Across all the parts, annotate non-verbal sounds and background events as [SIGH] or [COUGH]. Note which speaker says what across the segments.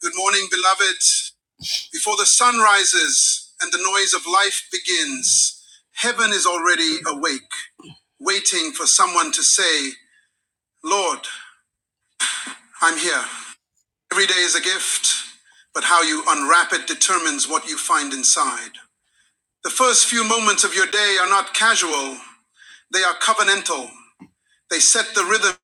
Speaker 1: Good morning, beloved. Before the sun rises and the noise of life begins, heaven is already awake, waiting for someone to say, Lord, I'm here. Every day is a gift, but how you unwrap it determines what you find inside. The first few moments of your day are not casual, they are covenantal. They set the rhythm.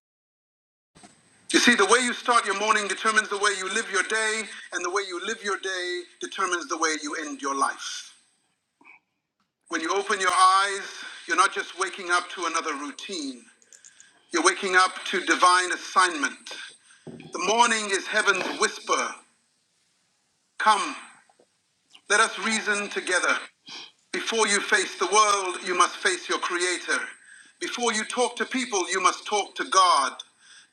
Speaker 1: You see, the way you start your morning determines the way you live your day, and the way you live your day determines the way you end your life. When you open your eyes, you're not just waking up to another routine, you're waking up to divine assignment. The morning is heaven's whisper Come, let us reason together. Before you face the world, you must face your Creator. Before you talk to people, you must talk to God.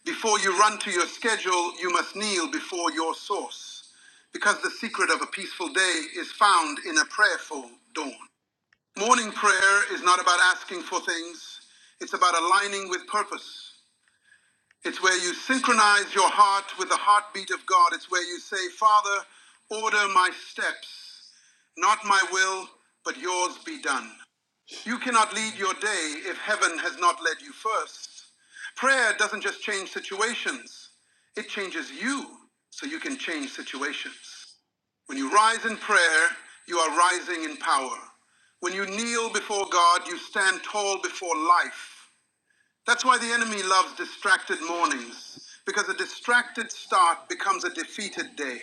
Speaker 1: Before you run to your schedule, you must kneel before your source. Because the secret of a peaceful day is found in a prayerful dawn. Morning prayer is not about asking for things, it's about aligning with purpose. It's where you synchronize your heart with the heartbeat of God. It's where you say, Father, order my steps, not my will, but yours be done. You cannot lead your day if heaven has not led you first. Prayer doesn't just change situations, it changes you so you can change situations. When you rise in prayer, you are rising in power. When you kneel before God, you stand tall before life. That's why the enemy loves distracted mornings, because a distracted start becomes a defeated day.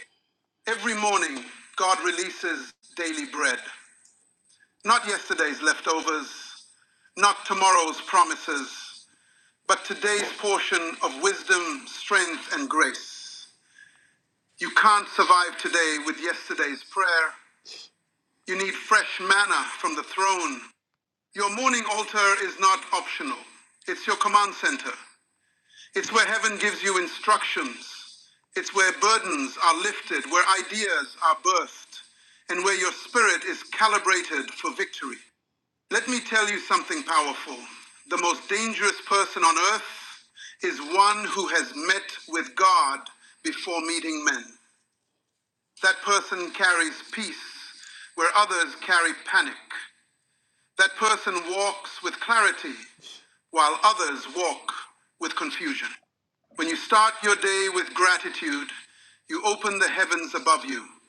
Speaker 1: Every morning, God releases daily bread. Not yesterday's leftovers, not tomorrow's promises, but today's portion of wisdom, strength, and grace. You can't survive today with yesterday's prayer. You need fresh manna from the throne. Your morning altar is not optional, it's your command center. It's where heaven gives you instructions. It's where burdens are lifted, where ideas are birthed, and where your spirit is calibrated for victory. Let me tell you something powerful. The most dangerous person on earth is one who has met with God before meeting men. That person carries peace where others carry panic. That person walks with clarity while others walk with confusion. When you start your day with gratitude, you open the heavens above you.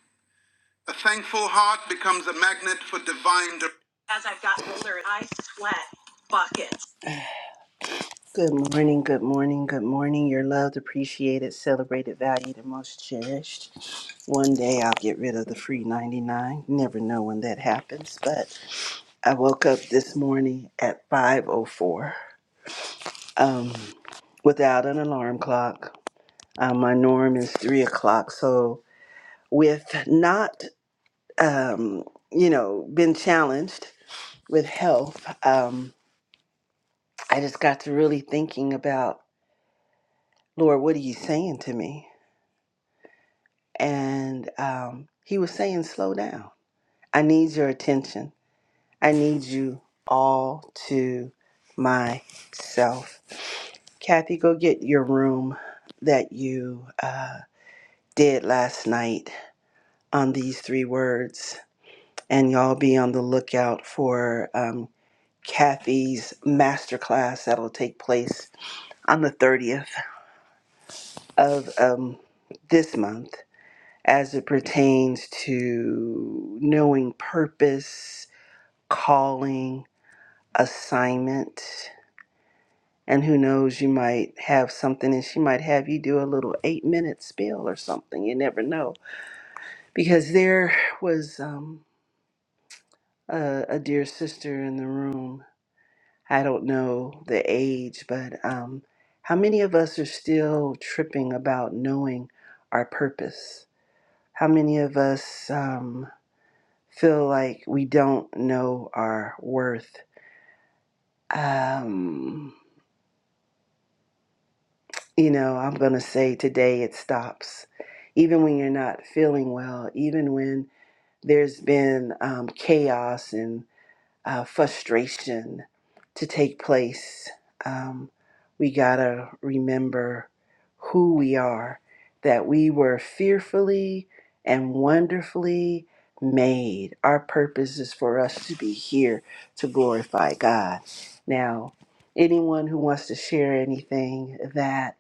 Speaker 1: A thankful heart becomes a magnet for divine. dir- As I've gotten older, I sweat buckets. Good morning, good morning, good morning. You're loved, appreciated, celebrated, valued, and most cherished. One day I'll get rid of the free 99. Never know when that happens, but I woke up this morning at 5:04 um, without an alarm clock. Uh, my norm is three o'clock, so with not um, you know been challenged. with health, um, I just got to really thinking about, Lord, what are you saying to me? And um, he was saying, slow down. I need your attention. I need you all to myself. Kathy, go get your room that you uh, did last night on these three words. And y'all be on the lookout for um, Kathy's masterclass that'll take place on the 30th of um, this month as it pertains to knowing purpose, calling, assignment. And who knows, you might have something and she might have you do a little eight minute spill or something. You never know. Because there was um, a, a dear sister in the room. I don't know the age, but um, how many of us are still tripping about knowing our purpose? How many of us um, feel like we don't know our worth? Um, you know, I'm going to say today it stops. Even when you're not feeling well, even when there's been um, chaos and uh, frustration to take place. Um, we got to remember who we are, that we were fearfully and wonderfully made. Our purpose is for us to be here to glorify God. Now, anyone who wants to share anything that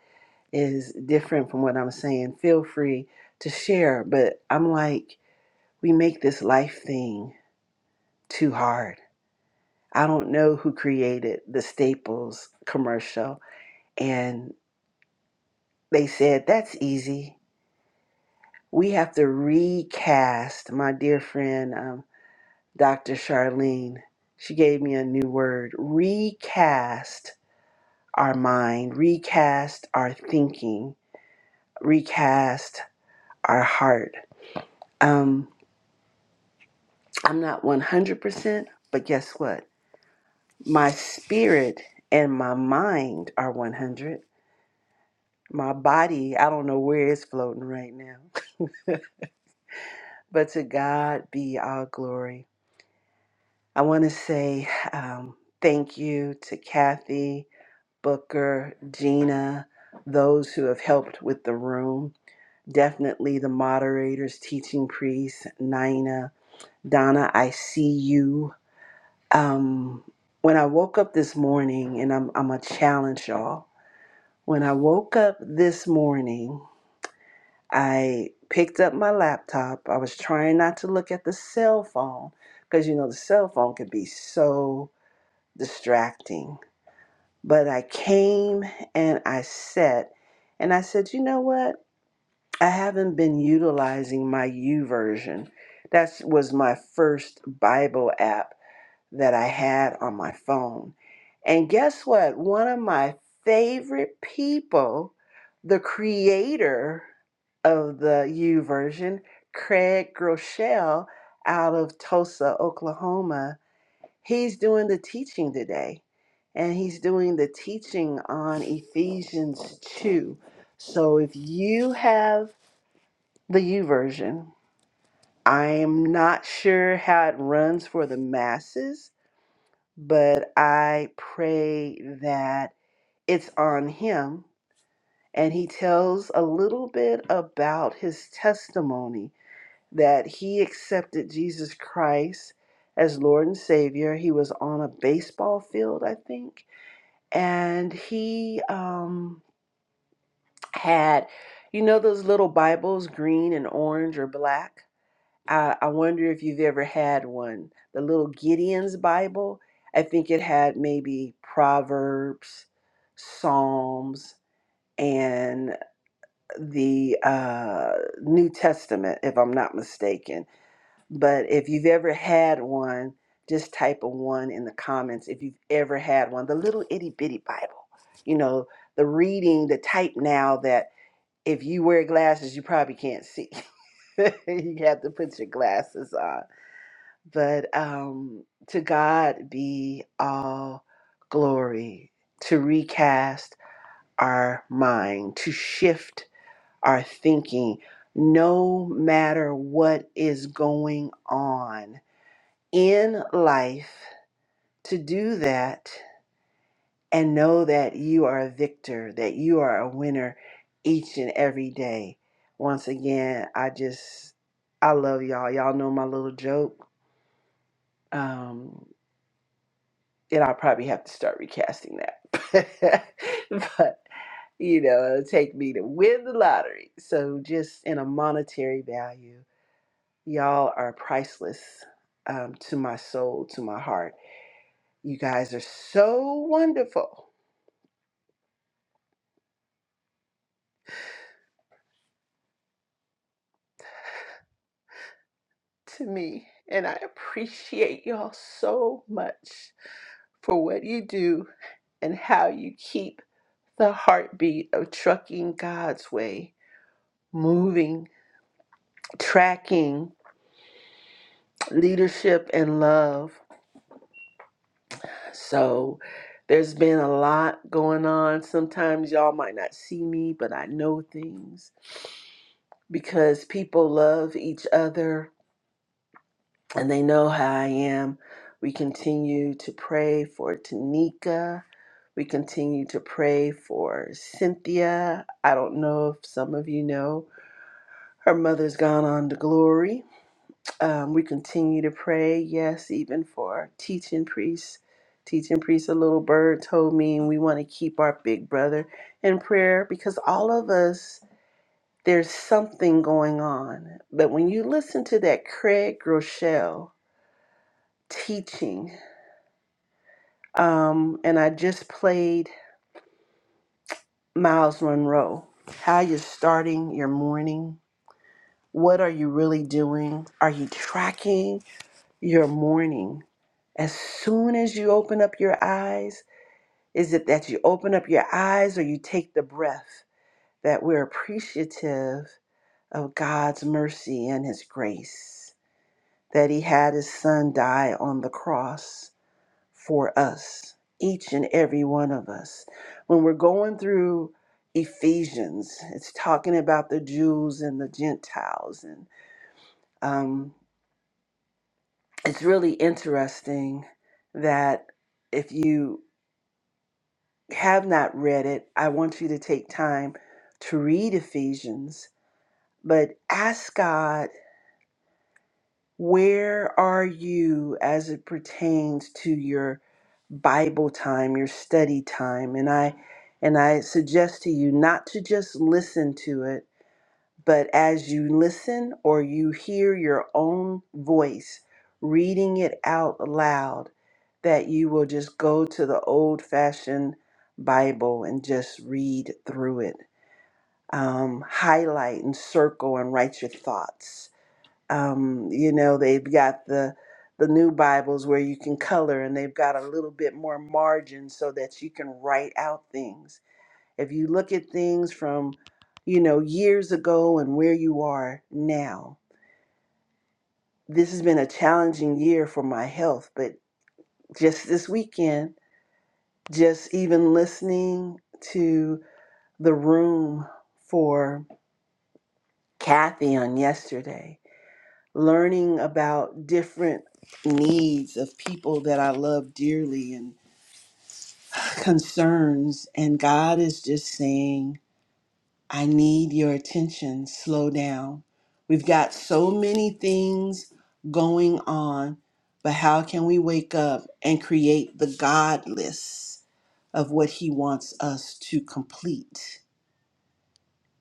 Speaker 1: is different from what I'm saying, feel free to share. But I'm like, we make this life thing too hard I don't know who created the Staples commercial. And they said, that's easy. We have to recast my dear friend, um, Dr. Charlene. She gave me a new word recast our mind, recast our thinking, recast our heart. Um, I'm not 100%, but guess what? My spirit and my mind are 100 My body, I don't know where it's floating right now. [LAUGHS] But to God be all glory. I want to say um, thank you to Kathy, Booker, Gina, those who have helped with the room. Definitely the moderators, teaching priest, Nina, Donna, I see you. Um, when I woke up this morning, and I'm, I'm going to challenge y'all. When I woke up this morning, I picked up my laptop. I was trying not to look at the cell phone because, you know, the cell phone can be so distracting. But I came and I sat and I said, you know what? I haven't been utilizing my U version. That was my first Bible app that I had on my phone. And guess what? One of my favorite people, the creator of the U version, Craig Groeschel out of Tulsa, Oklahoma, he's doing the teaching today. And he's doing the teaching on Ephesians 2. So if you have the U version, I am not sure how it runs for the masses but I pray that it's on him. And he tells a little bit about his testimony that he accepted Jesus Christ as Lord and Savior. He was on a baseball field, I think, and he um, had, you know, those little Bibles, green and orange or black. I, I wonder if you've ever had one. The little Gideon's Bible, I think it had maybe Proverbs, Psalms, and the uh, New Testament, if I'm not mistaken. But if you've ever had one, just type a one in the comments if you've ever had one. The little itty bitty Bible, you know, the reading, the type now that if you wear glasses, you probably can't see. [LAUGHS] you have to put your glasses on but um, to God be all glory to recast our mind, to shift our thinking, no matter what is going on in life, to do that and know that you are a victor, that you are a winner each and every day. Once again, I just, I love y'all. Y'all know my little joke. Um, and I'll probably have to start recasting that. [LAUGHS] but you know, it'll take me to win the lottery. So just in a monetary value, y'all are priceless um, to my soul, to my heart. You guys are so wonderful to me, and I appreciate y'all so much for what you do and how you keep the heartbeat of trucking God's way moving, tracking leadership and love. So there's been a lot going on. Sometimes y'all might not see me, but I know things because people love each other and they know how I am. We continue to pray for Tanika. We continue to pray for Cynthia. I don't know if some of you know her mother's gone on to glory Um, we continue to pray, yes, even for teaching priests. Teaching priests, a little bird told me and we want to keep our big brother in prayer because all of us, there's something going on. But when you listen to that Craig Groeschel teaching, um, and I just played Miles Monroe, how you're starting your morning. What are you really doing? Are you tracking? your morning. As soon as you open up your eyes, is it that you open up your eyes or you take the breath that we're appreciative of God's mercy and His grace, that He had His Son die on the cross for us, each and every one of us? When we're going through Ephesians, it's talking about the Jews and the Gentiles and um, it's really interesting that if you have not read it, I want you to take time to read Ephesians, but ask God, where are you as it pertains to your Bible time, your study time? And I and I suggest to you not to just listen to it, But as you listen or you hear your own voice reading it out loud, that you will just go to the old fashioned Bible and just read through it. Um, highlight and circle and write your thoughts. Um, you know, they've got the the new Bibles where you can color and they've got a little bit more margin so that you can write out things if you look at things from, you know, years ago and where you are now, this has been a challenging year for my health. But just this weekend, just even listening to the room for Kathy on yesterday, learning about different needs of people that I love dearly and concerns. And God is just saying, I need your attention. Slow down. We've got so many things going on, but how can we wake up and create the God list of what He wants us to complete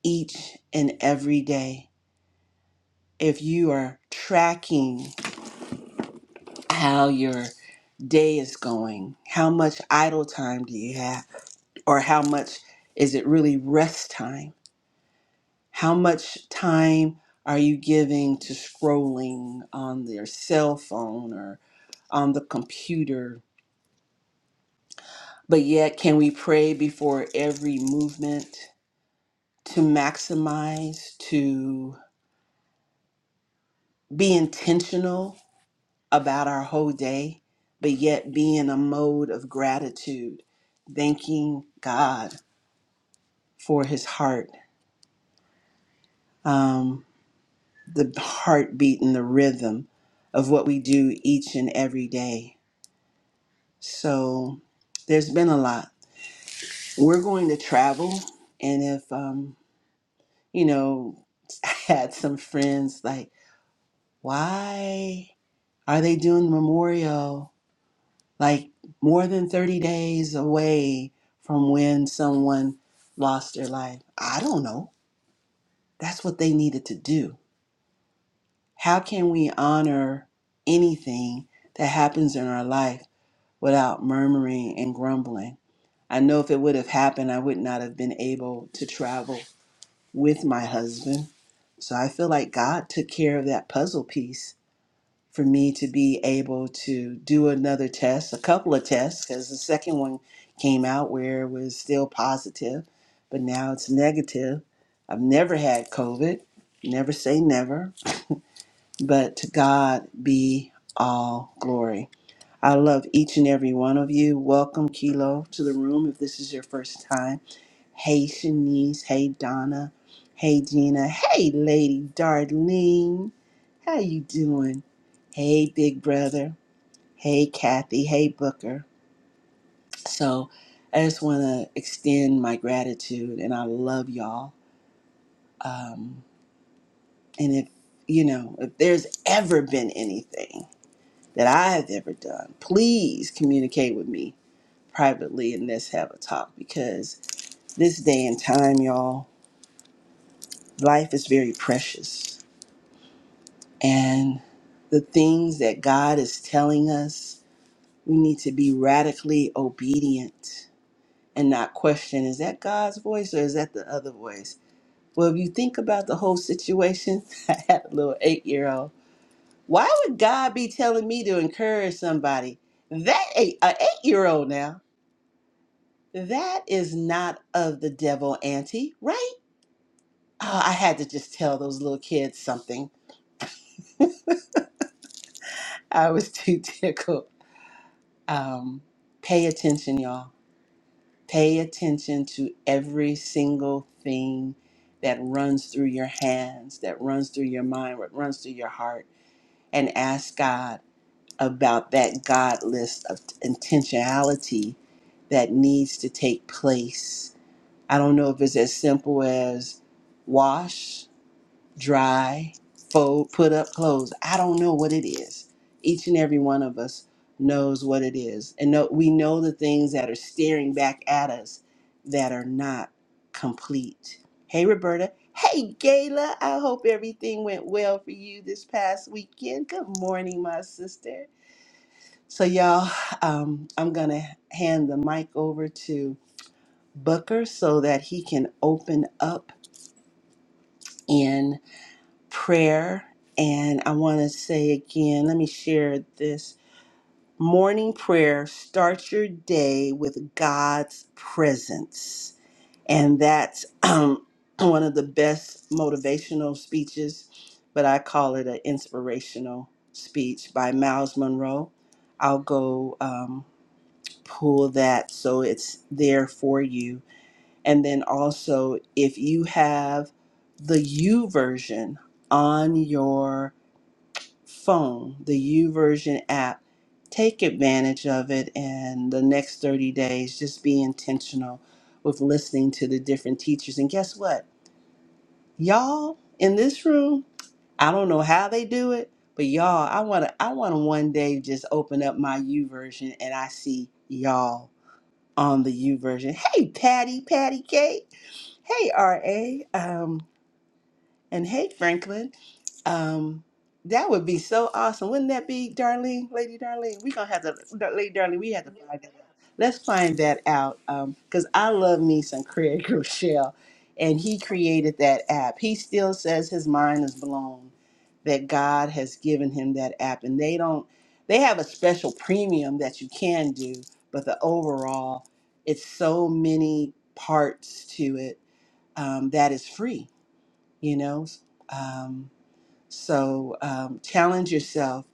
Speaker 1: each and every day? If you are tracking how your day is going, how much idle time do you have, or how much is it really rest time? How much time are you giving to scrolling on their cell phone or on the computer? But yet, can we pray before every movement to maximize, to be intentional about our whole day, but yet be in a mode of gratitude, thanking God for his heart, um, the heartbeat and the rhythm of what we do each and every day? So there's been a lot. We're going to travel, and if um, you know, [LAUGHS] I had some friends like, why are they doing memorial like more than 30 days away from when someone lost their life? I don't know. That's what they needed to do. How can we honor anything that happens in our life without murmuring and grumbling? I know if it would have happened, I would not have been able to travel with my husband. So I feel like God took care of that puzzle piece for me to be able to do another test, a couple of tests, because the second one came out where it was still positive, but now it's negative. I've never had COVID, never say never, but to God be all glory. I love each and every one of you. Welcome, Kilo, to the room if this is your first time. Hey Shanice, hey Donna, hey Gina, hey Lady Darlene. How you doing? Hey Big Brother, hey Kathy, hey Booker. So I just want to extend my gratitude and I love y'all. Um, and if, you know, if there's ever been anything that I have ever done, please communicate with me privately and let's have a talk because this day and time, y'all, life is very precious and the things that God is telling us, we need to be radically obedient and not question is that God's voice or is that the other voice? Well, if you think about the whole situation, [LAUGHS] I had a little eight year old. Why would God be telling me to encourage somebody? That eight, a eight year old now, that is not of the devil, Auntie, right? Oh, I had to just tell those little kids something. I was too [LAUGHS] tickled. Um, pay attention, y'all Pay attention to every single thing that runs through your hands, that runs through your mind, what runs through your heart, and ask God about that God list of intentionality that needs to take place. I don't know if it's as simple as wash dry, fold, put up, clothes. I don't know what it is. Each and every one of us knows what it is. And no, we know the things that are staring back at us that are not complete. Hey, Roberta. Hey, Gayla. I hope everything went well for you this past weekend. Good morning, my sister. So, y'all, um, I'm going to hand the mic over to Booker so that he can open up prayer. And I want to say again, let me share this. Morning prayer Start your day with God's presence. And that's um, [CLEARS THROAT] one of the best motivational speeches, but I call it an inspirational speech by Miles Monroe. I'll go um, pull that so it's there for you. And then also, if you have the U version on your phone, the U version app. Take advantage of it and the next 30 days, just be intentional with listening to the different teachers. And guess what? Y'all in this room, I don't know how they do it, but y'all, I wanna I wanna one day just open up my U version and I see y'all on the U version. Hey Patty, Patty Kate. Hey RA. Um and hey, Franklin, um, that would be so awesome, wouldn't that be, Darlene, Lady Darlene? We gonna have to, Dar- Lady Darlene, we have to find that out. Let's find that out, um, cause I love me some Craig [LAUGHS] Rochelle, and he created that app. He still says his mind is blown that God has given him that app, and they don't. They have a special premium that you can do, but the overall, it's so many parts to it um, that is free you know um, so um, challenge yourself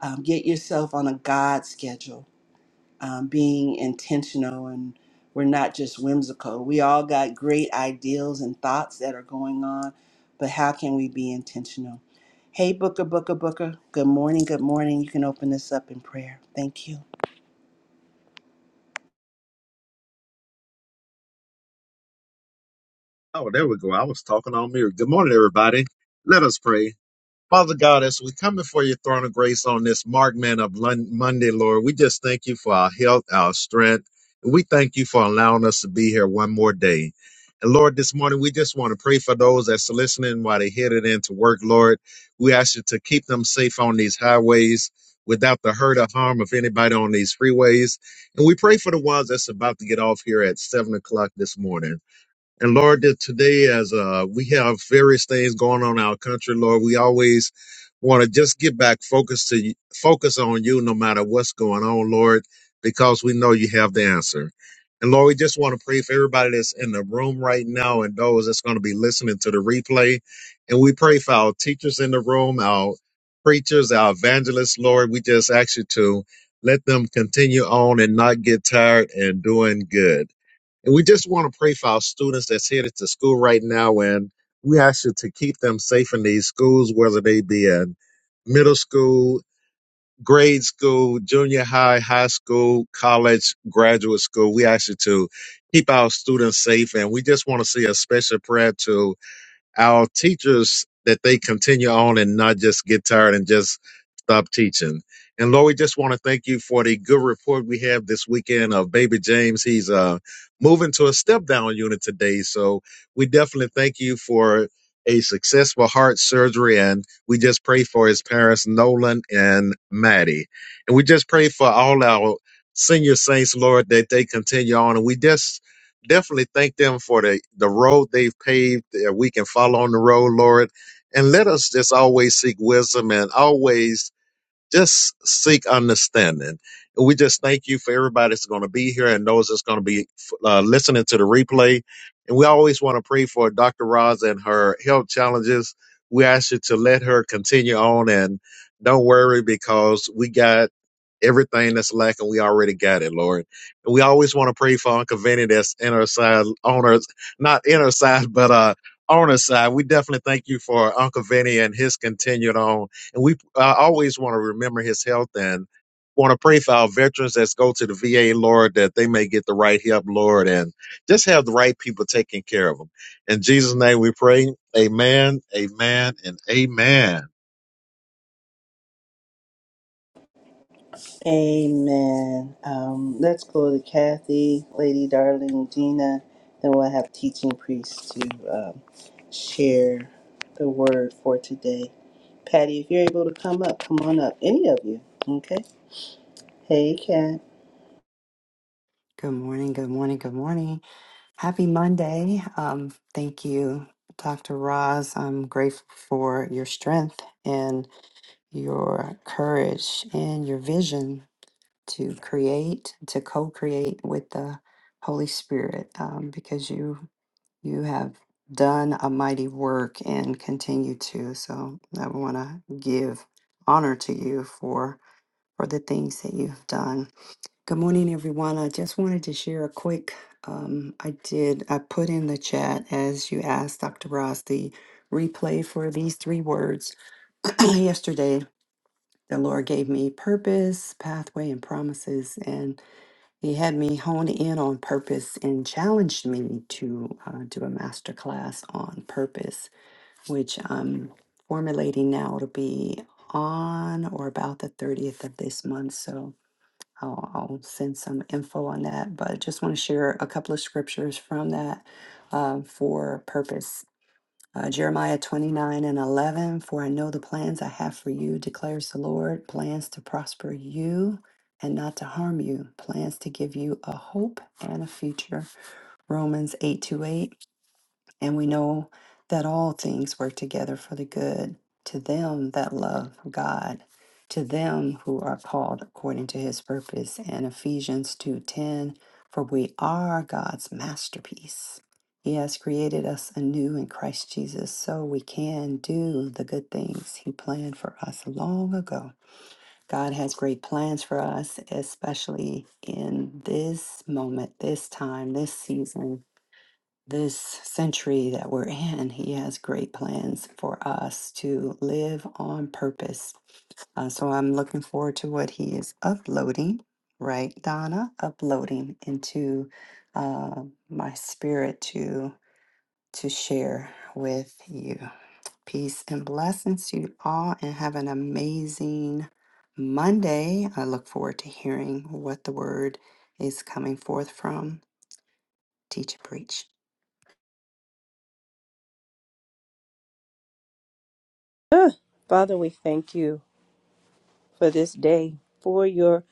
Speaker 1: um, get yourself on a god schedule um, being intentional and we're not just whimsical we all got great ideals and thoughts that are going on but how can we be intentional hey booker booker booker good morning good morning you can open this up in prayer thank you
Speaker 2: Oh, there we go. I was talking on mute. Good morning, everybody. Let us pray. Father God, as we come before your throne of grace on this Mark Man of Lon- Monday, Lord, we just thank you for our health, our strength. We thank you for allowing us to be here one more day. And Lord, this morning we just want to pray for those that's listening while they headed into work, Lord. We ask you to keep them safe on these highways without the hurt or harm of anybody on these freeways. And we pray for the ones that's about to get off here at seven o'clock this morning. And Lord, that today as uh, we have various things going on in our country, Lord, we always want to just get back focused to you- focus on you, no matter what's going on, Lord, because we know you have the answer. And Lord, we just want to pray for everybody that's in the room right now and those that's going to be listening to the replay. And we pray for our teachers in the room, our preachers, our evangelists, Lord. We just ask you to let them continue on and not get tired and doing good. And we just want to pray for our students that's headed to school right now. And we ask you to keep them safe in these schools, whether they be in middle school, grade school, junior high, high school, college, graduate school. We ask you to keep our students safe. And we just want to say a special prayer to our teachers that they continue on and not just get tired and just stop teaching. And Lord, we just want to thank you for the good report we have this weekend of baby James. He's uh moving to a step down unit today. So we definitely thank you for a successful heart surgery and we just pray for his parents Nolan and Maddie. And we just pray for all our senior saints, Lord, that they continue on. And we just definitely thank them for the, the road they've paved that we can follow on the road, Lord. And let us just always seek wisdom and always just seek understanding. And we just thank you for everybody that's going to be here and those that's going to be uh, listening to the replay. And we always want to pray for Dr. Roz and her health challenges. We ask you to let her continue on and don't worry because we got everything that's lacking. We already got it, Lord. And we always want to pray for Uncle Vinny that's in her side, on her, not in her side, but, uh, on her side. We definitely thank you for Uncle Vinny and his continued on and we uh, always want to remember his health and want to pray for our veterans that's go to the VA, Lord, that they may get the right help, Lord, and just have the right people taking care of them. In Jesus' name we pray. Amen, amen, and amen.
Speaker 1: Amen. Um, let's go to Kathy, Lady Darling, Gina, then we'll have teaching priests to um, share the word for today. Patty, if you're able to come up, come on up. Any of you, okay? Hey, Kat.
Speaker 3: Good morning, good morning, good morning. Happy Monday. Um, thank you, Dr. Roz. I'm grateful for your strength and your courage and your vision to create, to co-create with the Holy Spirit, um, because you you have done a mighty work and continue to. So I want to give honor to you for for the things that you've done. Good morning, everyone. I just wanted to share a quick. Um, I did, I put in the chat as you asked Dr. Ross the replay for these three words. [CLEARS THROAT] Yesterday, the Lord gave me purpose, pathway, and promises, and He had me hone in on purpose and challenged me to uh, do a master class on purpose, which I'm formulating now. It'll be on or about the 30th of this month. So, I'll, I'll send some info on that, but I just want to share a couple of scriptures from that uh, for purpose. Uh, Jeremiah 29 and 11, for I know the plans I have for you, declares the Lord, plans to prosper you and not to harm you, plans to give you a hope and a future. Romans 8 to 8, and we know that all things work together for the good to them that love God, to them who are called according to his purpose. And Ephesians 2:10, for we are God's masterpiece. He has created us anew in Christ Jesus so we can do the good things he planned for us long ago. God has great plans for us, especially in this moment, this time, this season this century that we're in, He has great plans for us to live on purpose. Uh, so I'm looking forward to what He is uploading, right, Donna? Uploading into uh, my spirit to to share with you. Peace and blessings to you all, and have an amazing Monday. I look forward to hearing what the word is coming forth from Teach and Preach.
Speaker 4: Ah, Father, we thank you for this day, for your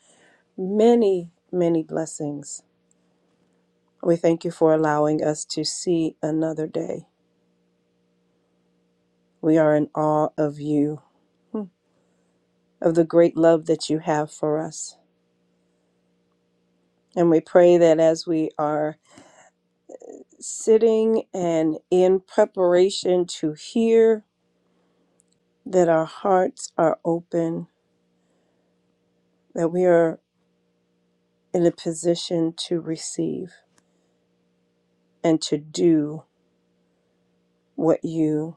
Speaker 4: many, many blessings. We thank you for allowing us to see another day. We are in awe of you, hmm, of the great love that you have for us. And we pray that as we are sitting and in preparation to hear, that our hearts are open, that we are in a position to receive and to do what you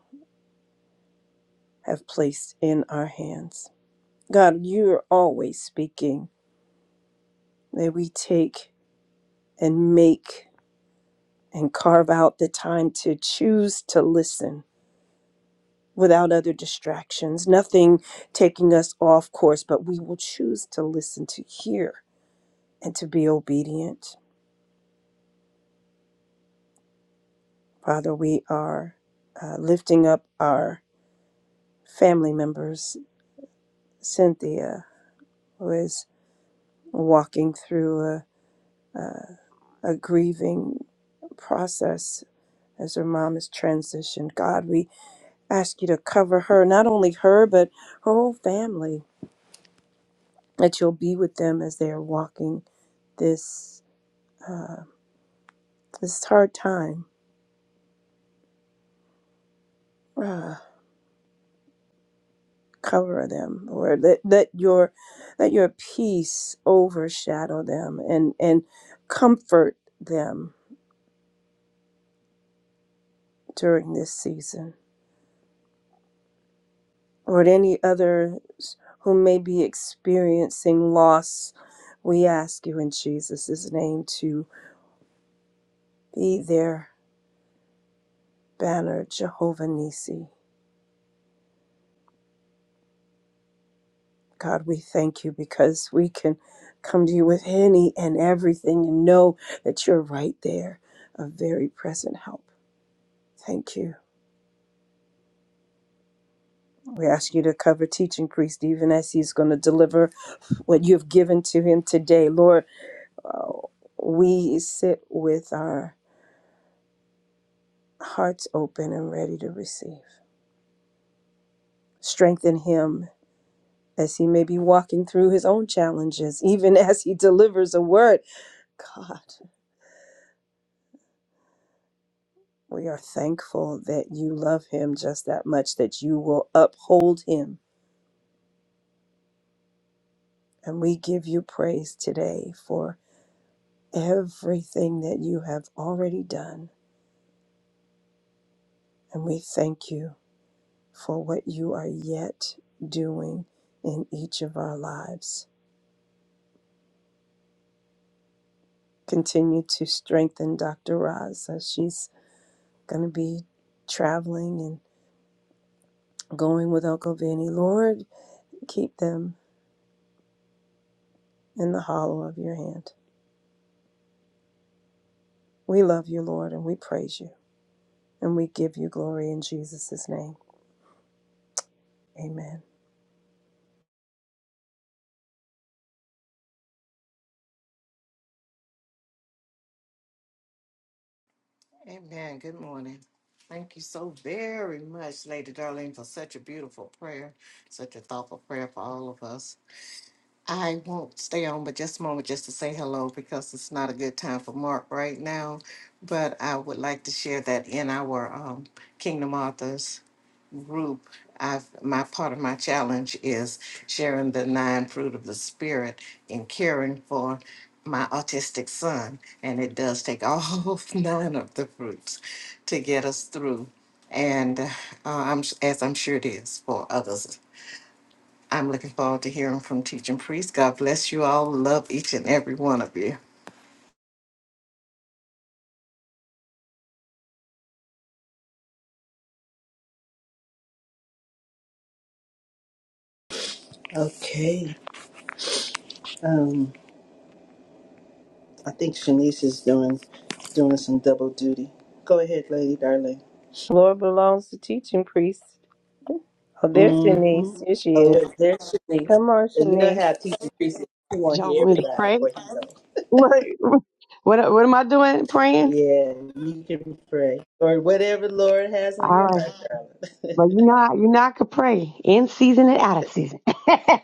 Speaker 4: have placed in our hands. God, you're always speaking. May we take and make and carve out the time to choose to listen without other distractions, nothing taking us off course, but we will choose to listen, to hear, and to be obedient. Father, we are uh, lifting up our family members, Cynthia, who is walking through a, a, a grieving process as her mom has transitioned. God, we ask you to cover her, not only her, but her whole family, that you'll be with them as they are walking this uh, this hard time. Uh, cover them, Lord. Let, let your let your peace overshadow them and and comfort them during this season. Lord, any others who may be experiencing loss, we ask you in Jesus' name to be there banner, Jehovah Nisi. God, we thank you because we can come to you with any and everything and know that you're right there, a very present help. Thank you. We ask you to cover teaching priest even as he's going to deliver what you've given to him today. Lord, uh, we sit with our hearts open and ready to receive. Strengthen him as he may be walking through his own challenges, even as he delivers a word. God. We are thankful that you love him just that much, that you will uphold him. And we give you praise today for everything that you have already done. And we thank you for what you are yet doing in each of our lives. Continue to strengthen Dr. Roz as she's going to be traveling and going with Uncle Vinny. Lord, keep them in the hollow of your hand. We love you, Lord, and we praise you. And we give you glory in Jesus' name. Amen.
Speaker 5: Amen. Good morning. Thank you so very much, Lady Darlene, for such a beautiful prayer, such a thoughtful prayer for all of us. I won't stay on but just a moment just to say hello because it's not a good time for Mark right now. But I would like to share that in our um, Kingdom Authors group, I've my part of my challenge is sharing the nine fruit of the spirit in caring for my autistic son, and it does take all [LAUGHS] nine of the fruits to get us through. And uh, I'm s- as I'm sure it is for others. I'm looking forward to hearing from teaching priest. God bless you all. Love each and every one of you.
Speaker 1: Okay. Um, I think Shanice is doing doing some double duty. Go ahead, Lady Darling.
Speaker 4: Lord belongs to teaching priests. Oh, there's
Speaker 1: Mm-hmm.
Speaker 4: Shanice. Here she
Speaker 1: Oh,
Speaker 4: is.
Speaker 1: wait, there's Shanice.
Speaker 4: Come on,
Speaker 1: You know
Speaker 4: Shanice.
Speaker 1: how teaching priests you want to
Speaker 6: Y'all
Speaker 1: hear
Speaker 6: want me to
Speaker 1: everybody
Speaker 6: pray? [LAUGHS]
Speaker 1: before you go.
Speaker 6: What, what, what am I doing? Praying?
Speaker 1: Yeah, you can pray. Or whatever Lord has
Speaker 6: All
Speaker 1: on your
Speaker 6: right.
Speaker 1: heart, darling.
Speaker 6: But you know, how- you know, I could pray in season and out of season. [LAUGHS]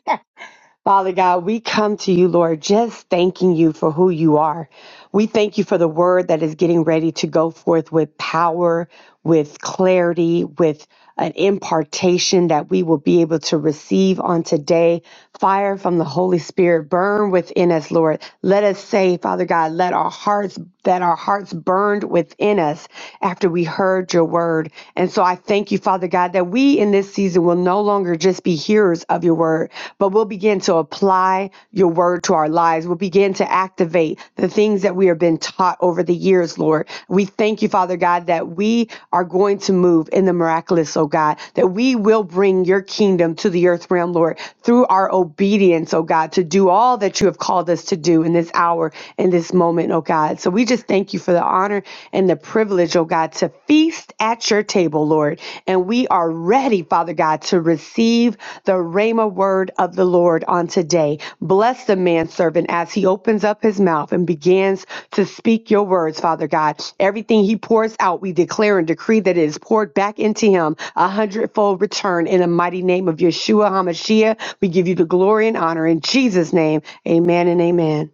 Speaker 6: Father God, we come to you, Lord, just thanking you for who you are. We thank you for the word that is getting ready to go forth with power, with clarity, with an impartation that we will be able to receive on today. Fire from the Holy Spirit burn within us, Lord. Let us say, Father God, let our hearts that our hearts burned within us after we heard your word. And so I thank you, Father God, that we we in this season will no longer just be hearers of your word, but we'll begin to apply your word to our lives. We'll begin to activate the things that we have been taught over the years, Lord. We thank you, Father God, that we are going to move in the miraculous, oh God, that we will bring your kingdom to the earth realm, Lord, through our obedience, oh God, to do all that you have called us to do in this hour, in this moment, oh God. So we just thank you for the honor and the the privilege, oh God, to feast at your table, Lord. And we are ready, Father God, to receive the Rhema word of the Lord on today. Bless the manservant as he opens up his mouth and begins to speak your words, Father God. Everything he pours out, we declare and decree that it is poured back into him a hundredfold return in the mighty name of Yeshua HaMashiach. We give you the glory and honor in Jesus' name. Amen and amen.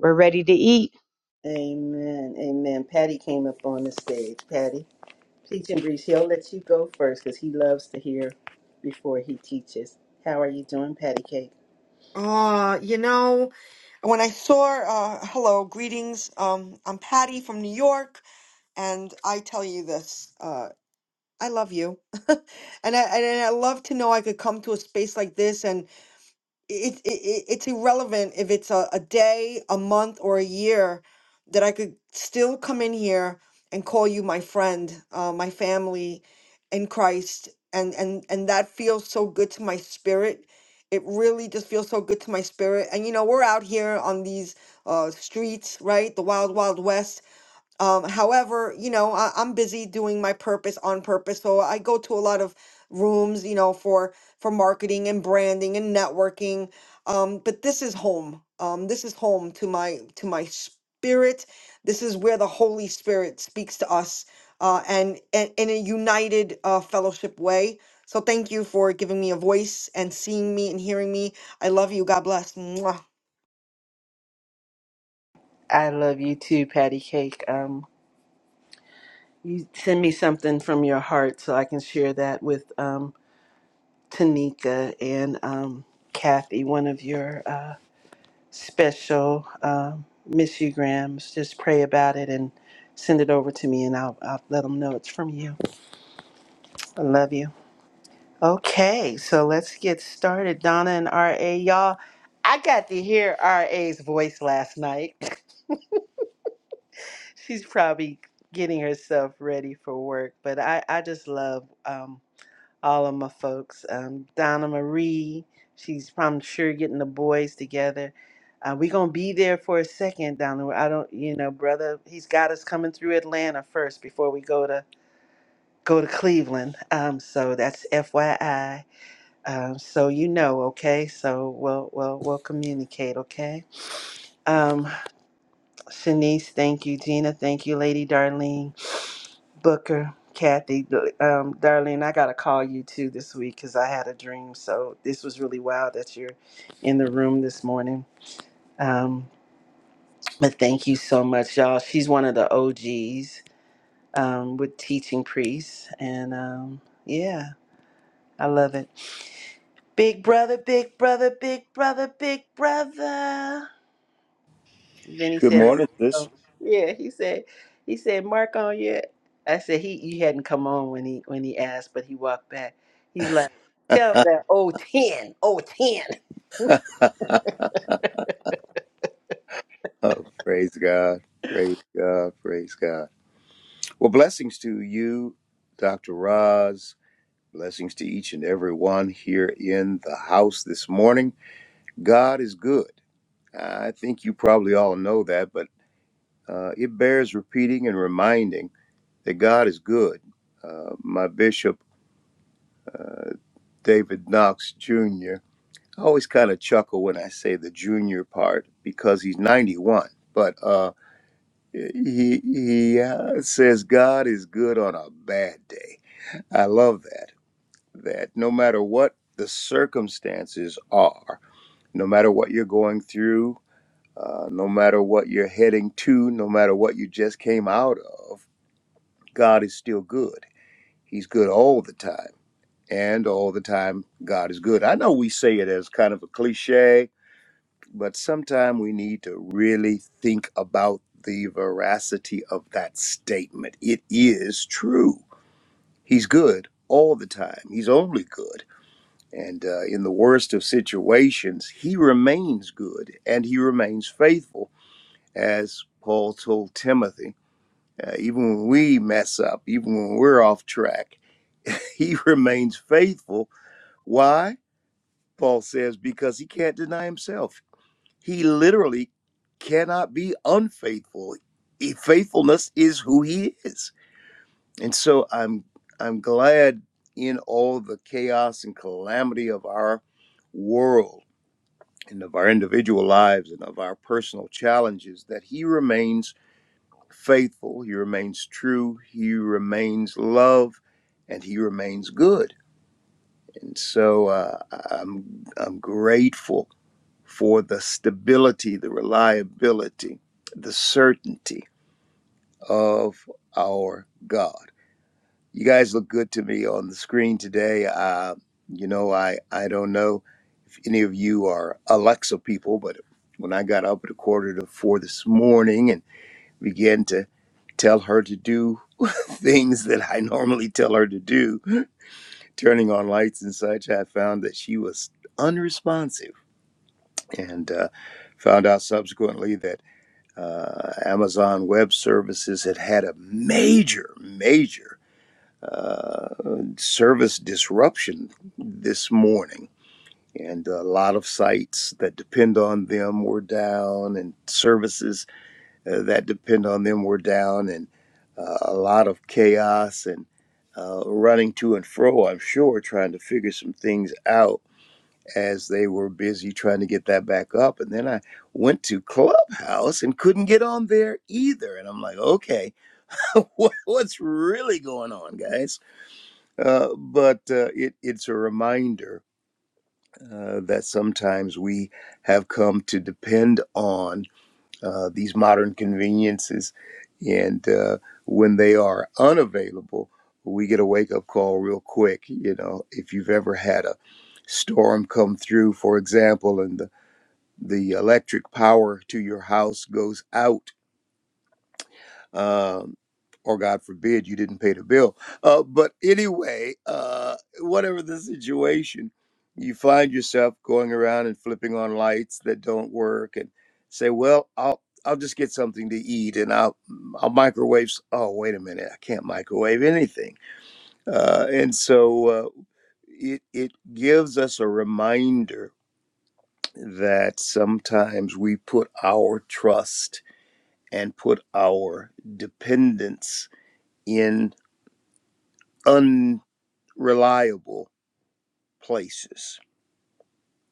Speaker 6: We're ready to eat.
Speaker 1: [LAUGHS] amen. Amen. Patty came up on the stage. Patty, teaching breeze. He'll let you go first because he loves to hear before he teaches. How are you doing, Patty Cake?
Speaker 7: Uh, you know, when I saw, uh, hello, greetings. Um, I'm Patty from New York, and I tell you this, uh, I love you. [LAUGHS] And I, and I love to know I could come to a space like this and it, it it- it's irrelevant if it's a, a day, a month, or a year that I could still come in here and call you my friend, uh, my family in Christ, and and and that feels so good to my spirit. It really just feels so good to my spirit. And you know, we're out here on these uh, streets, right? The wild, wild west um, however, you know, I, I'm busy doing my purpose on purpose, so I go to a lot of rooms, you know, for for marketing and branding and networking. Um, but this is home. Um, this is home to my to my spirit. This is where the Holy Spirit speaks to us, uh, and, and in a united uh, fellowship way. So thank you for giving me a voice and seeing me and hearing me. I love you. God bless. Mwah.
Speaker 1: I love you too, Patty Cake. Um, you send me something from your heart so I can share that with um, Tanika and um, Kathy, one of your uh, special, um, Miss You Grams. Just pray about it and send it over to me, and I'll, I'll let them know it's from you. I love you. Okay, so let's get started. Donna and RA, y'all. I got to hear RA's voice last night. [LAUGHS] She's probably getting herself ready for work, but I, I just love. um, all of my folks. Um, Donna Marie, she's I'm sure getting the boys together. Uh, we gonna be there for a second, Donna. I don't, you know, brother. He's got us coming through Atlanta first before we go to go to Cleveland. Um, so that's FYI. Um, so you know, okay. So we'll we'll we'll communicate, okay. Um, Shanice, thank you. Gina, thank you. Lady Darlene. Booker, Kathy, um, Darlene, I got to call you too this week because I had a dream. So this was really wild that you're in the room this morning. Um, but thank you so much, y'all. She's one of the OGs um, with Teaching Priests. And um, yeah, I love it. Big brother, big brother, big brother, big brother. Then he
Speaker 8: Good
Speaker 1: said,
Speaker 8: morning, sis.
Speaker 1: oh, "Yeah." He said, "He said Mark on yet?" I said, "He he hadn't come on when he when he asked, but he walked back." He's like, "Tell that oh ten, oh ten.
Speaker 8: Oh, praise God. Praise God. Praise God. Well, blessings to you, Dr. Roz. Blessings to each and every one here in the house this morning. God is good. I think you probably all know that, but uh, it bears repeating and reminding that God is good. Uh, my bishop, David Knox Jr., I always kind of chuckle when I say the junior part because he's 91. But uh, He, he uh, says God is good on a bad day. I love that. That no matter what the circumstances are, no matter what you're going through, uh, no matter what you're heading to, no matter what you just came out of, God is still good. He's good all the time. And all the time, God is good. I know we say it as kind of a cliche, but sometimes we need to really think about the veracity of that statement. It is true. He's good all the time, he's only good. And uh, in the worst of situations, he remains good and he remains faithful, as Paul told Timothy. Uh, even when we mess up, even when we're off track, [LAUGHS] he remains faithful. Why? Paul says, because he can't deny himself. He literally cannot be unfaithful. He, faithfulness is who he is. And so I'm I'm glad in all the chaos and calamity of our world and of our individual lives and of our personal challenges that he remains faithful, he remains true, he remains love, and he remains good. And so uh, I'm I'm grateful for the stability, the reliability, the certainty of our God. You guys look good to me on the screen today. Uh, you know, I, I don't know if any of you are Alexa people, but when I got up at a quarter to four this morning and began to tell her to do [LAUGHS] things that I normally tell her to do, turning on lights and such, I found that she was unresponsive. And uh, found out subsequently that uh, Amazon Web Services had had a major, major uh, service disruption this morning. And a lot of sites that depend on them were down, and services uh, that depend on them were down, and uh, a lot of chaos and uh, running to and fro, I'm sure, trying to figure some things out as they were busy trying to get that back up. And then I went to Clubhouse and couldn't get on there either. And I'm like, okay, [LAUGHS] what, what's really going on, guys? Uh, but uh, it, it's a reminder uh, that sometimes we have come to depend on uh, these modern conveniences. And uh, when they are unavailable, we get a wake up call real quick. You know, if you've ever had a storm come through, for example, and the the electric power to your house goes out, um, or God forbid you didn't pay the bill. Uh, but anyway, uh, whatever the situation, you find yourself going around and flipping on lights that don't work, and say, "Well, I'll." I'll just get something to eat and I'll, I'll microwave. s- Oh, wait a minute. I can't microwave anything. Uh, and so uh, it, it gives us a reminder that sometimes we put our trust and put our dependence in unreliable places.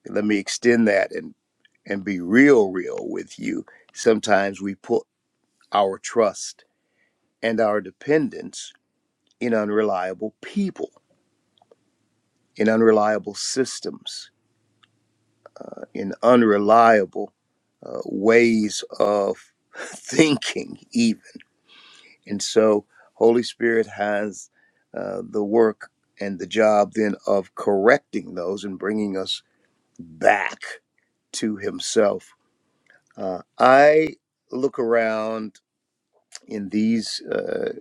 Speaker 8: Let me extend that and, and be real, real with you. Sometimes we put our trust and our dependence in unreliable people, in unreliable systems, in unreliable uh, ways of [LAUGHS] thinking, even. And so, Holy Spirit has uh, the work and the job then of correcting those and bringing us back to Himself. Uh, I look around in these uh,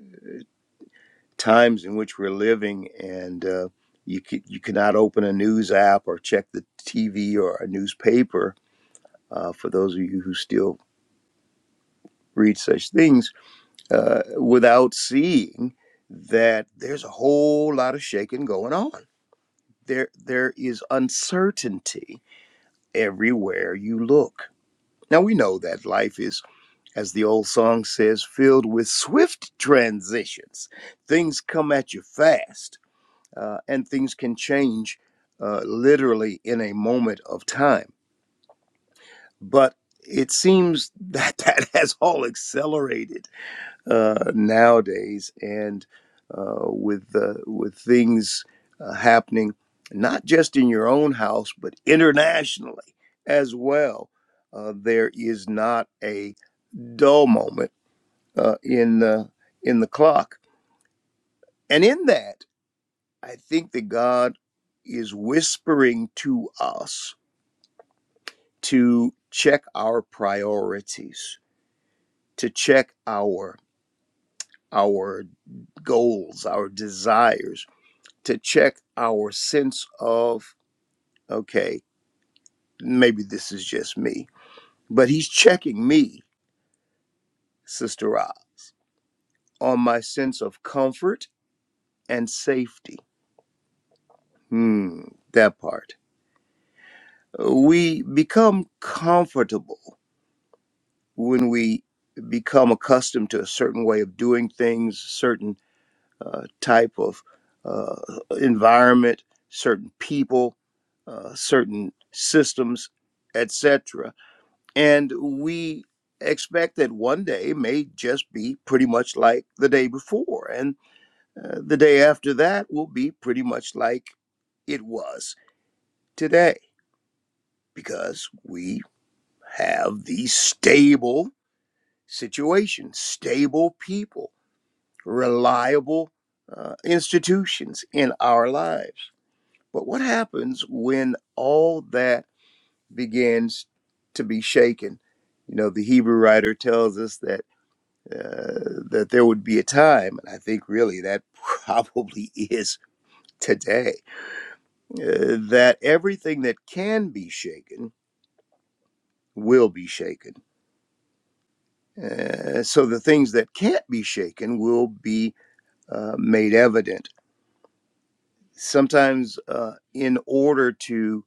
Speaker 8: times in which we're living, and uh, you c- you cannot open a news app or check the TV or a newspaper. Uh, for those of you who still read such things, uh, without seeing that there's a whole lot of shaking going on there there is uncertainty everywhere you look now we know that life is as the old song says filled with swift transitions things come at you fast uh, and things can change uh, literally in a moment of time but it seems [LAUGHS] that that has all accelerated uh, nowadays, and uh, with uh, with things uh, happening not just in your own house but internationally as well. Uh, there is not a dull moment uh, in the in the clock, and in that, I think that God is whispering to us to check our priorities, to check our our goals, our desires to check our sense of, okay, maybe this is just me, but he's checking me, Sister Ra, on my sense of comfort and safety. Hmm, that part. We become comfortable when we become accustomed to a certain way of doing things, certain uh, type of uh, environment, certain people, uh, certain systems, etc And we expect that one day may just be pretty much like the day before, and uh, the day after that will be pretty much like it was today because we have these stable situations, stable people, reliable uh, institutions in our lives. But what happens when all that begins to be shaken? You know, the Hebrew writer tells us that. uh, that there would be a time, and I think really that [LAUGHS] probably is today, uh, that everything that can be shaken will be shaken. Uh, so the things that can't be shaken will be uh, made evident. Sometimes, uh, in order to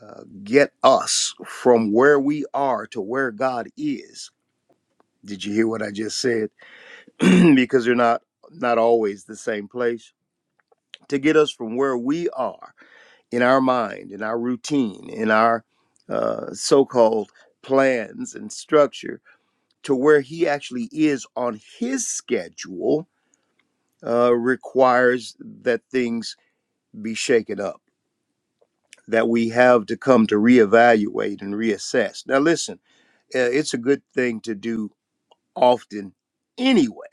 Speaker 8: uh, get us from where we are to where God is, did you hear what I just said? [CLEARS THROAT] because they're not not always the same place. To get us from where we are in our mind, in our routine, in our uh, so called plans and structure to where he actually is on his schedule uh, requires that things be shaken up, that we have to come to reevaluate and reassess. Now, listen, uh, it's a good thing to do often anyway.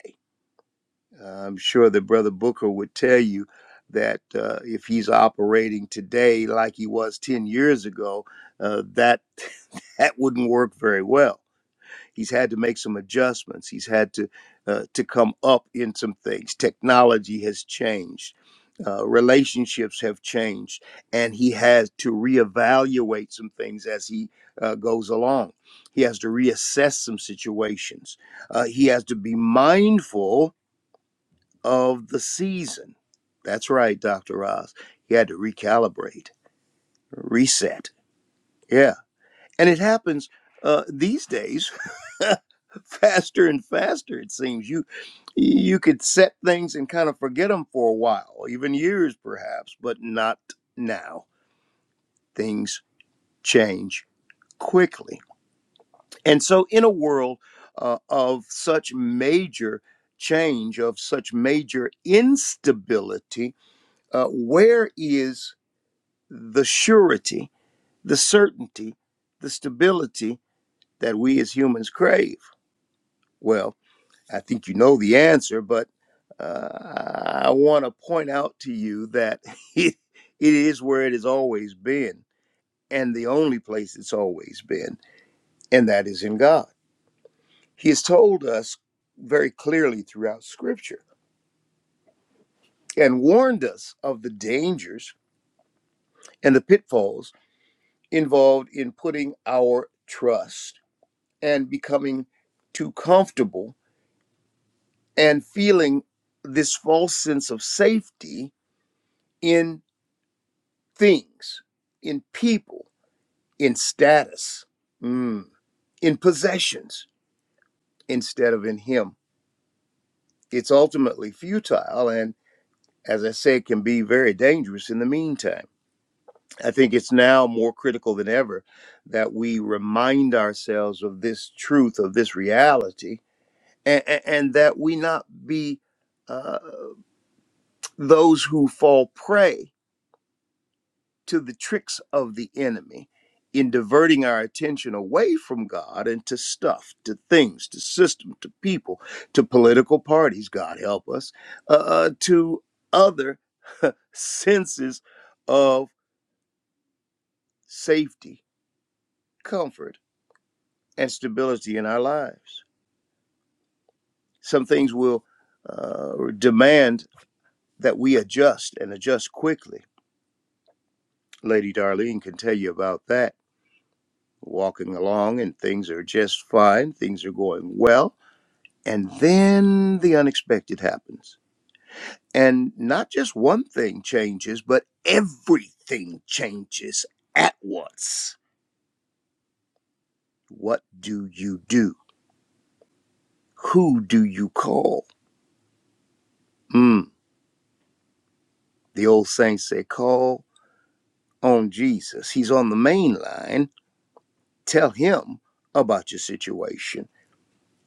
Speaker 8: Uh, I'm sure that Brother Booker would tell you that uh, if he's operating today like he was 10 years ago, uh, that that wouldn't work very well. He's had to make some adjustments. He's had to uh, to come up in some things. Technology has changed. Uh, relationships have changed, and he has to reevaluate some things as he uh, goes along. He has to reassess some situations. Uh, he has to be mindful of the season. That's right, Dr. Ross. He had to recalibrate, reset. Yeah. And it happens uh, these days [LAUGHS] faster and faster it seems you you could set things and kind of forget them for a while even years perhaps but not now things change quickly and so in a world uh, of such major change of such major instability uh, where is the surety the certainty the stability that we as humans crave well I think you know the answer, but uh, I want to point out to you that [LAUGHS] it, it is where it has always been, and the only place it's always been, and that is in God. He has told us very clearly throughout Scripture and warned us of the dangers and the pitfalls involved in putting our trust and becoming too comfortable and feeling this false sense of safety in things, in people, in status, mm, in possessions instead of in Him. It's ultimately futile and, as I said, can be very dangerous in the meantime. I think it's now more critical than ever that we remind ourselves of this truth, of this reality, and, and that we not be uh, those who fall prey to the tricks of the enemy in diverting our attention away from God and to stuff, to things, to system, to people, to political parties, God help us, uh, uh, to other [LAUGHS] senses of safety, comfort, and stability in our lives. Some things will uh, demand that we adjust and adjust quickly. Lady Darlene can tell you about that. Walking along and things are just fine, things are going well And then the unexpected happens. And not just one thing changes, but everything changes at once. What do you do? Who do you call? Hmm. The old saints say, call on Jesus. He's on the main line. Tell him about your situation.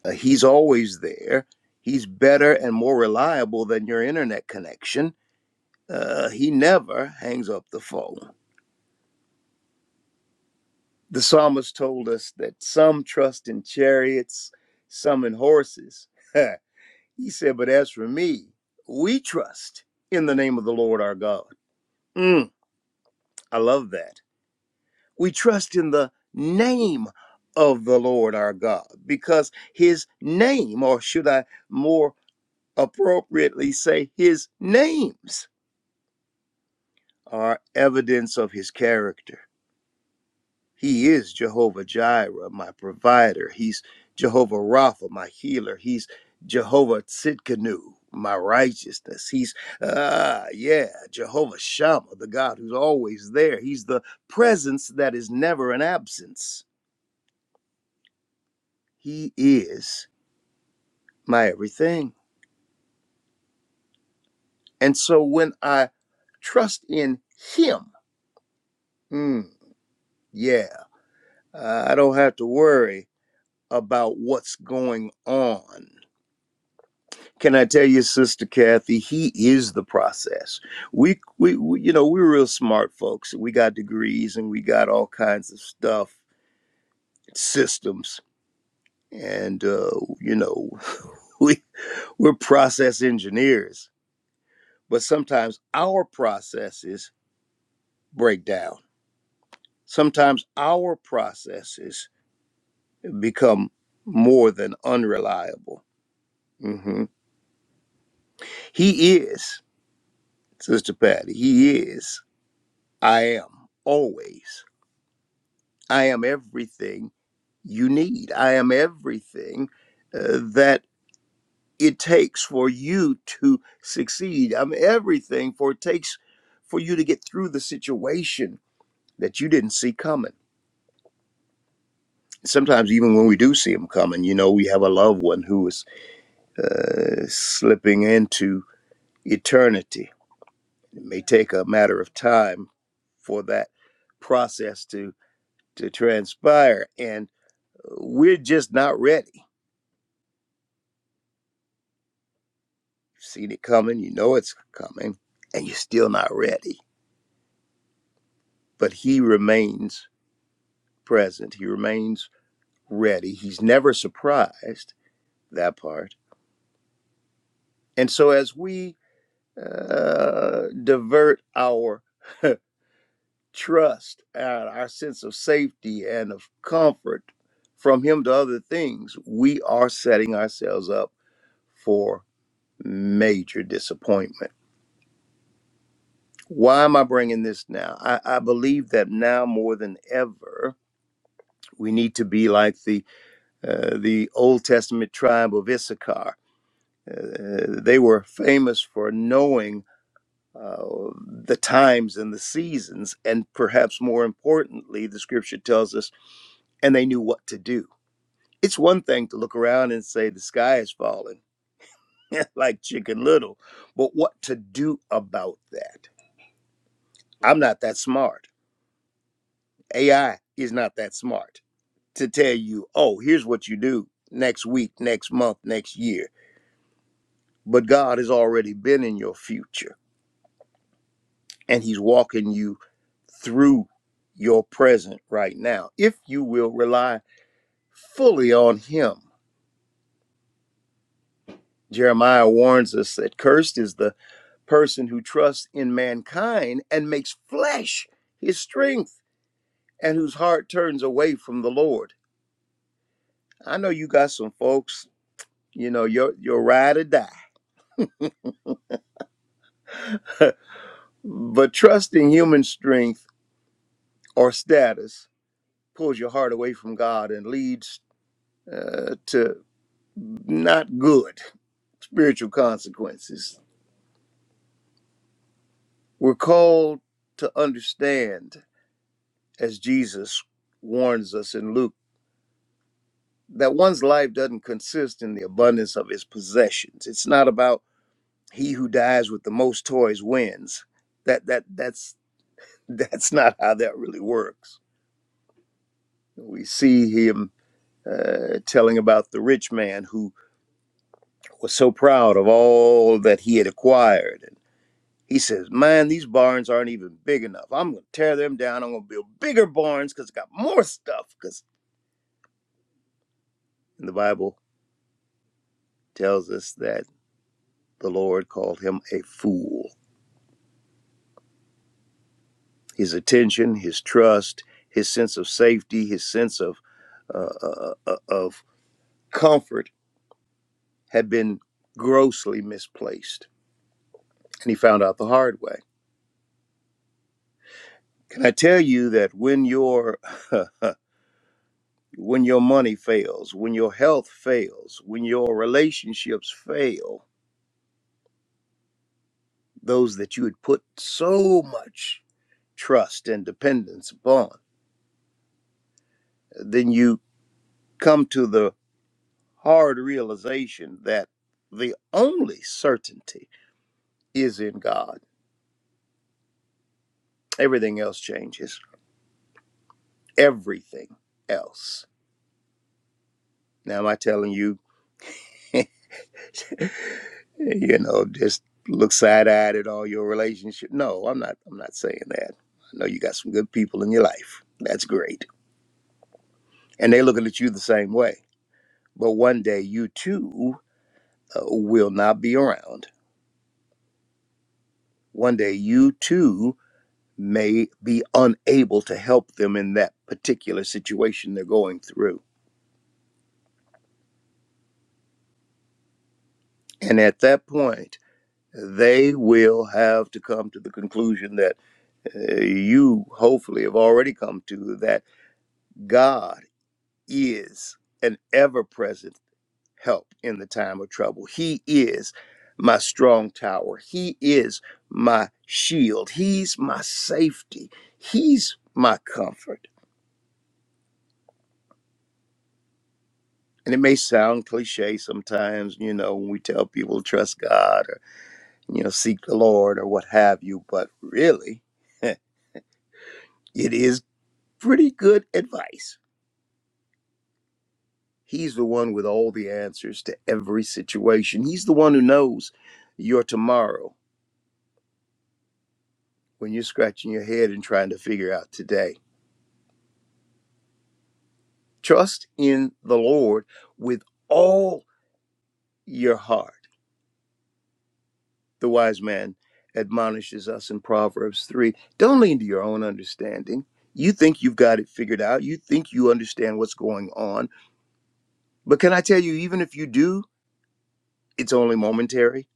Speaker 8: Uh, he's always there. He's better and more reliable than your internet connection. Uh, he never hangs up the phone. The psalmist told us that some trust in chariots, some in horses. [LAUGHS] he said, But as for me, we trust in the name of the Lord our God. Mm, I love that. We trust in the name of the Lord our God because his name, or should I more appropriately say, his names are evidence of his character. He is Jehovah Jireh, my provider. He's Jehovah Rapha, my healer. He's Jehovah Tzidkenu, my righteousness. He's, ah, yeah, Jehovah Shammah, the God who's always there. He's the presence that is never an absence. He is my everything. And so when I trust in Him, mm, yeah, I don't have to worry about what's going on. Can I tell you, Sister Kathy, he is the process. We, we, we you know, we're real smart folks. We got degrees and we got all kinds of stuff, systems, and uh, you know, [LAUGHS] we we're process engineers. But sometimes our processes break down. Sometimes our processes become more than unreliable. hmm He is, Sister Patty. He is. I am always. I am everything you need. I am everything uh, that it takes for you to succeed. I'm everything for it takes for you to get through the situation that you didn't see coming. Sometimes, even when we do see them coming, you know, we have a loved one who is uh, slipping into eternity. It may take a matter of time for that process to to transpire, and we're just not ready seen it coming, you know it's coming, and you're still not ready. But he remains present, he remains ready. He's never surprised, that part. And so, as we uh, divert our trust and our sense of safety and of comfort from him to other things, we are setting ourselves up for major disappointment. Why am I bringing this now? I, I believe that now more than ever, We need to be like the uh, the Old Testament tribe of Issachar. Uh, uh, they were famous for knowing uh, the times and the seasons, and perhaps more importantly, the Scripture tells us, and they knew what to do. It's one thing to look around and say the sky is falling, [LAUGHS] like Chicken Little, but what to do about that? I'm not that smart. AI is not that smart to tell you, oh, here's what you do next week, next month, next year but God has already been in your future and He's walking you through your present right now if you will rely fully on Him. Jeremiah warns us that cursed is the person who trusts in mankind and makes flesh his strength and whose heart turns away from the Lord. I know you got some folks, you know, you're, you're ride or die, [LAUGHS] but trusting human strength or status pulls your heart away from God and leads uh, to not good spiritual consequences. We're called to understand, as Jesus warns us in Luke, that one's life doesn't consist in the abundance of his possessions. It's not about he who dies with the most toys wins. That that that's [LAUGHS] that's not how that really works. We see him uh, telling about the rich man who was so proud of all that he had acquired He says, Man, these barns aren't even big enough. I'm going to tear them down. I'm going to build bigger barns because I got more stuff. Because the Bible tells us that the Lord called him a fool. His attention, his trust, his sense of safety, his sense of, uh, uh, uh, of comfort had been grossly misplaced. And he found out the hard way. Can I tell you that when your [LAUGHS] when your money fails, when your health fails, when your relationships fail, those that you had put so much trust and dependence upon, then you come to the hard realization that the only certainty is in God. Everything else changes. Everything else. Now, am I telling you, you know, just look side eyed at all your relationships? No, I'm not. I'm not saying that. I know you got some good people in your life. That's great, and they're looking at you the same way. But one day, you too uh, will not be around. One day you too may be unable to help them in that particular situation they're going through. And at that point, they will have to come to the conclusion that uh, you hopefully have already come to that God is an ever present help in the time of trouble. He is my strong tower. He is my shield. He's my safety. He's my comfort. and it may sound cliche sometimes, you know, when we tell people to trust God or, you know, seek the Lord or what have you, but really, [LAUGHS] it is pretty good advice. He's the one with all the answers to every situation. He's the one who knows your tomorrow when you're scratching your head and trying to figure out today. Trust in the Lord with all your heart The wise man admonishes us in Proverbs 3 don't lean to your own understanding. You think you've got it figured out. You think you understand what's going on. But can I tell you, even if you do, it's only momentary.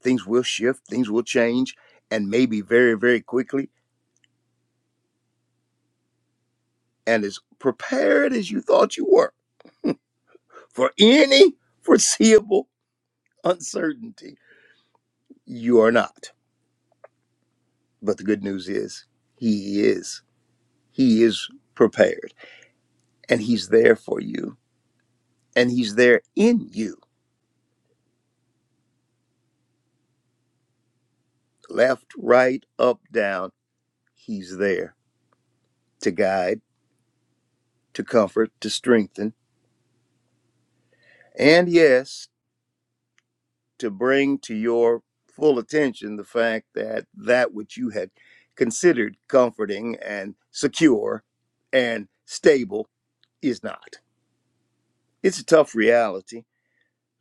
Speaker 8: Things will shift, things will change, and maybe very, very quickly. And as prepared as you thought you were for any foreseeable uncertainty, you are not. But the good news is, He is. He is prepared, and He's there for you and he's there in you left right up down he's there to guide to comfort to strengthen and yes to bring to your full attention the fact that that which you had considered comforting and secure and stable is not it's a tough reality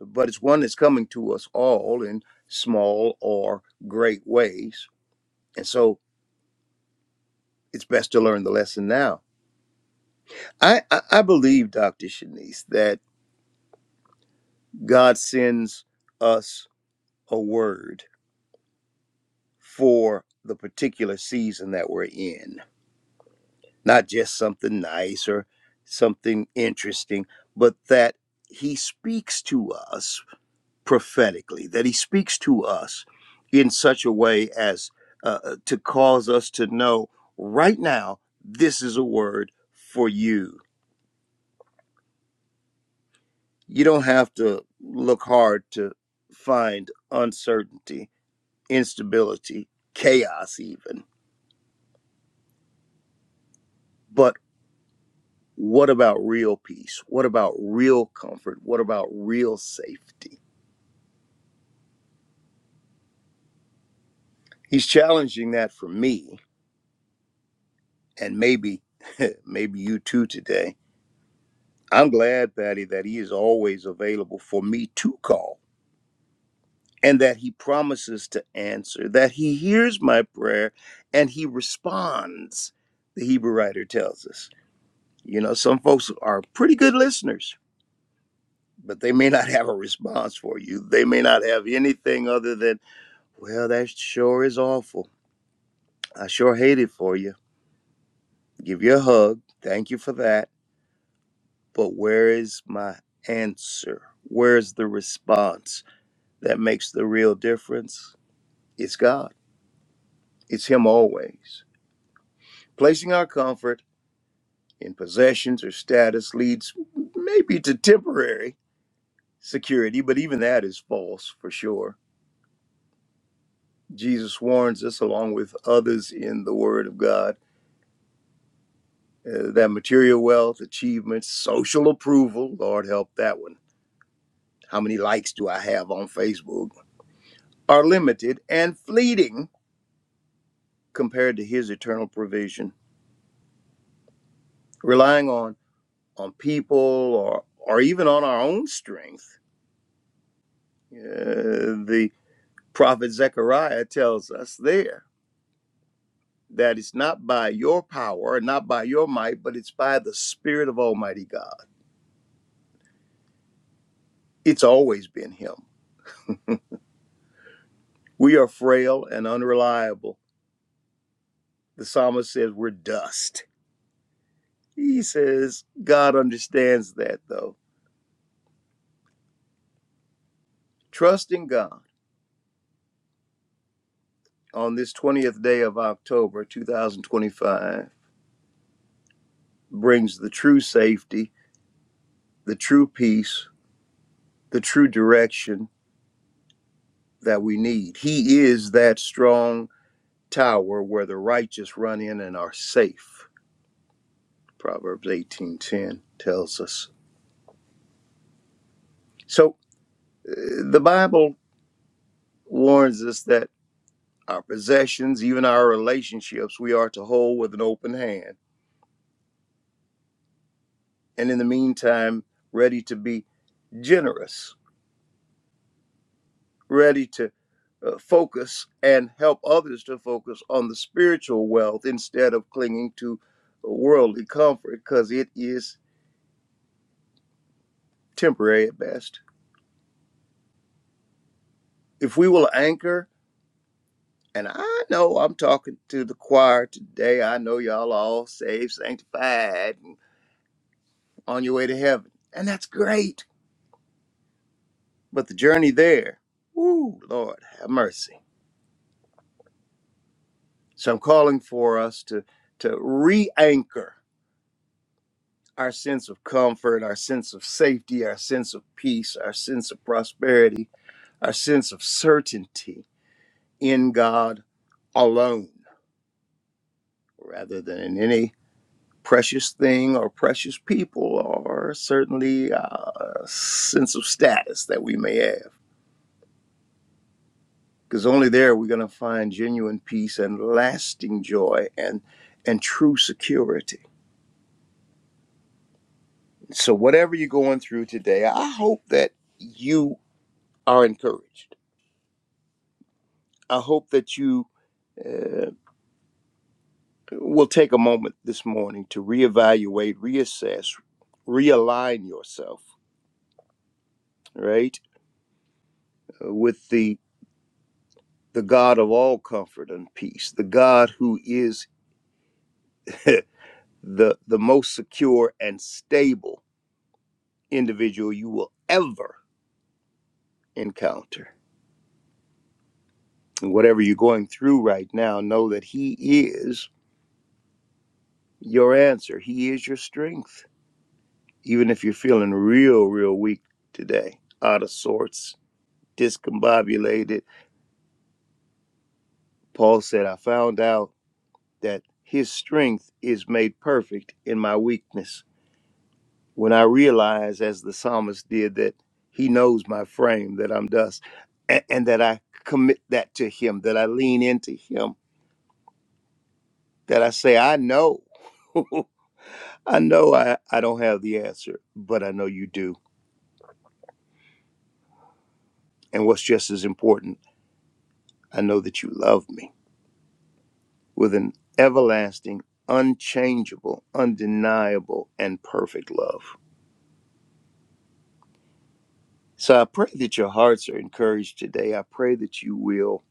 Speaker 8: but it's one that's coming to us all in small or great ways and so it's best to learn the lesson now I, I I believe, Dr. Shanice, that God sends us a word for the particular season that we're in, not just something nice or something interesting, but that He speaks to us prophetically, that He speaks to us in such a way as uh, uh, to cause us to know right now, this is a word for you You don't have to look hard to find uncertainty, instability, chaos, even. But what about real peace? What about real comfort? What about real safety? He's challenging that for me and maybe [LAUGHS] maybe you too today. I'm glad, Patty, that he is always available for me to call and that he promises to answer, that he hears my prayer and he responds, the Hebrew writer tells us. You know, some folks are pretty good listeners, but they may not have a response for you. They may not have anything other than, well, that sure is awful. I sure hate it for you. Give you a hug. Thank you for that. But where is my answer? Where's the response that makes the real difference? It's God, it's Him always. Placing our comfort in possessions or status leads maybe to temporary security, but even that is false for sure Jesus warns us, along with others in the Word of God, uh, that material wealth, achievements, social approval, Lord help that one. How many likes do I have on Facebook? Are limited and fleeting compared to His eternal provision. Relying on on people or or even on our own strength, uh, the prophet Zechariah tells us there that it's not by your power, not by your might, but it's by the Spirit of Almighty God. It's always been Him We are frail and unreliable. The psalmist says we're dust. He says God understands that though. Trust in God on this 20th day of October 2025 brings the true safety, the true peace, the true direction that we need. He is that strong tower where the righteous run in and are safe. Proverbs 18:10 tells us. So uh, the Bible warns us that our possessions, even our relationships, we are to hold with an open hand. And in the meantime, ready to be generous, ready to uh, focus and help others to focus on the spiritual wealth instead of clinging to worldly comfort because it is temporary at best. If we will anchor, and I know I'm talking to the choir today, I know y'all are all saved, sanctified, and on your way to heaven. And that's great But the journey there, woo, Lord, have mercy. So I'm calling for us to to re-anchor our sense of comfort, our sense of safety, our sense of peace, our sense of prosperity, our sense of certainty in God alone, rather than in any precious thing or precious people or certainly uh, a sense of status that we may have. because only there we're going to find genuine peace and lasting joy and and true security so whatever you're going through today i hope that you are encouraged i hope that you uh, will take a moment this morning to reevaluate reassess realign yourself right uh, with the the god of all comfort and peace the god who is [LAUGHS] the the most secure and stable individual you will ever encounter. And whatever you're going through right now, know that He is your answer. He is your strength. Even if you're feeling real, real weak today, out of sorts, discombobulated, Paul said, I found out that His strength is made perfect in my weakness. When I realize, as the psalmist did, that He knows my frame, that I'm dust, and, and that I commit that to Him, that I lean into Him, that I say, I know. [LAUGHS] I know I, I don't have the answer, but I know you do. And what's just as important, I know that you love me with an everlasting, unchangeable, undeniable, and perfect love. So I pray that your hearts are encouraged today. I pray that you will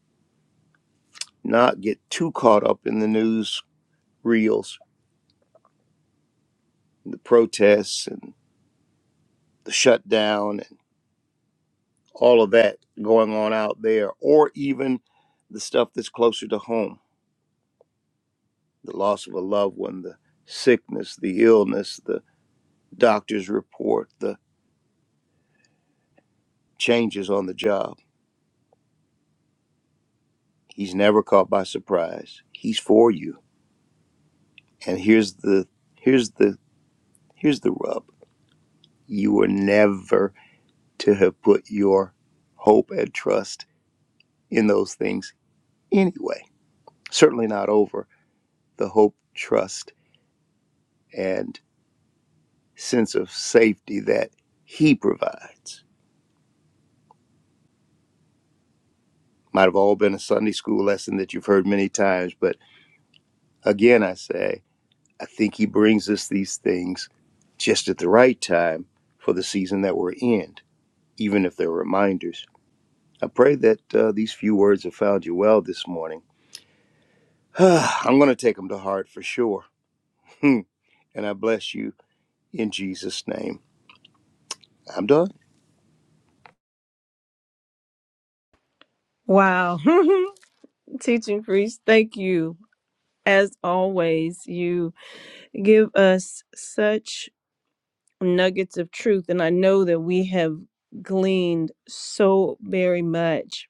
Speaker 8: not get too caught up in the news reels, the protests, and the shutdown, and all of that going on out there, or even the stuff that's closer to home the loss of a loved one, the sickness, the illness, the doctor's report, the changes on the job. He's never caught by surprise. He's for you. And here's the here's the here's the rub. You were never to have put your hope and trust in those things anyway. Certainly not over the hope, trust, and sense of safety that he provides. Might have all been a Sunday school lesson that you've heard many times, but Again, I say, I think he brings us these things just at the right time for the season that we're in, even if they're reminders. I pray that uh, these few words have found you well this morning. [SIGHS] I'm going to take them to heart for sure. [LAUGHS] and I bless you in Jesus' name. I'm done.
Speaker 4: Wow. [LAUGHS] Teaching priest, thank you. As always, you give us such nuggets of truth. And I know that we have gleaned so very much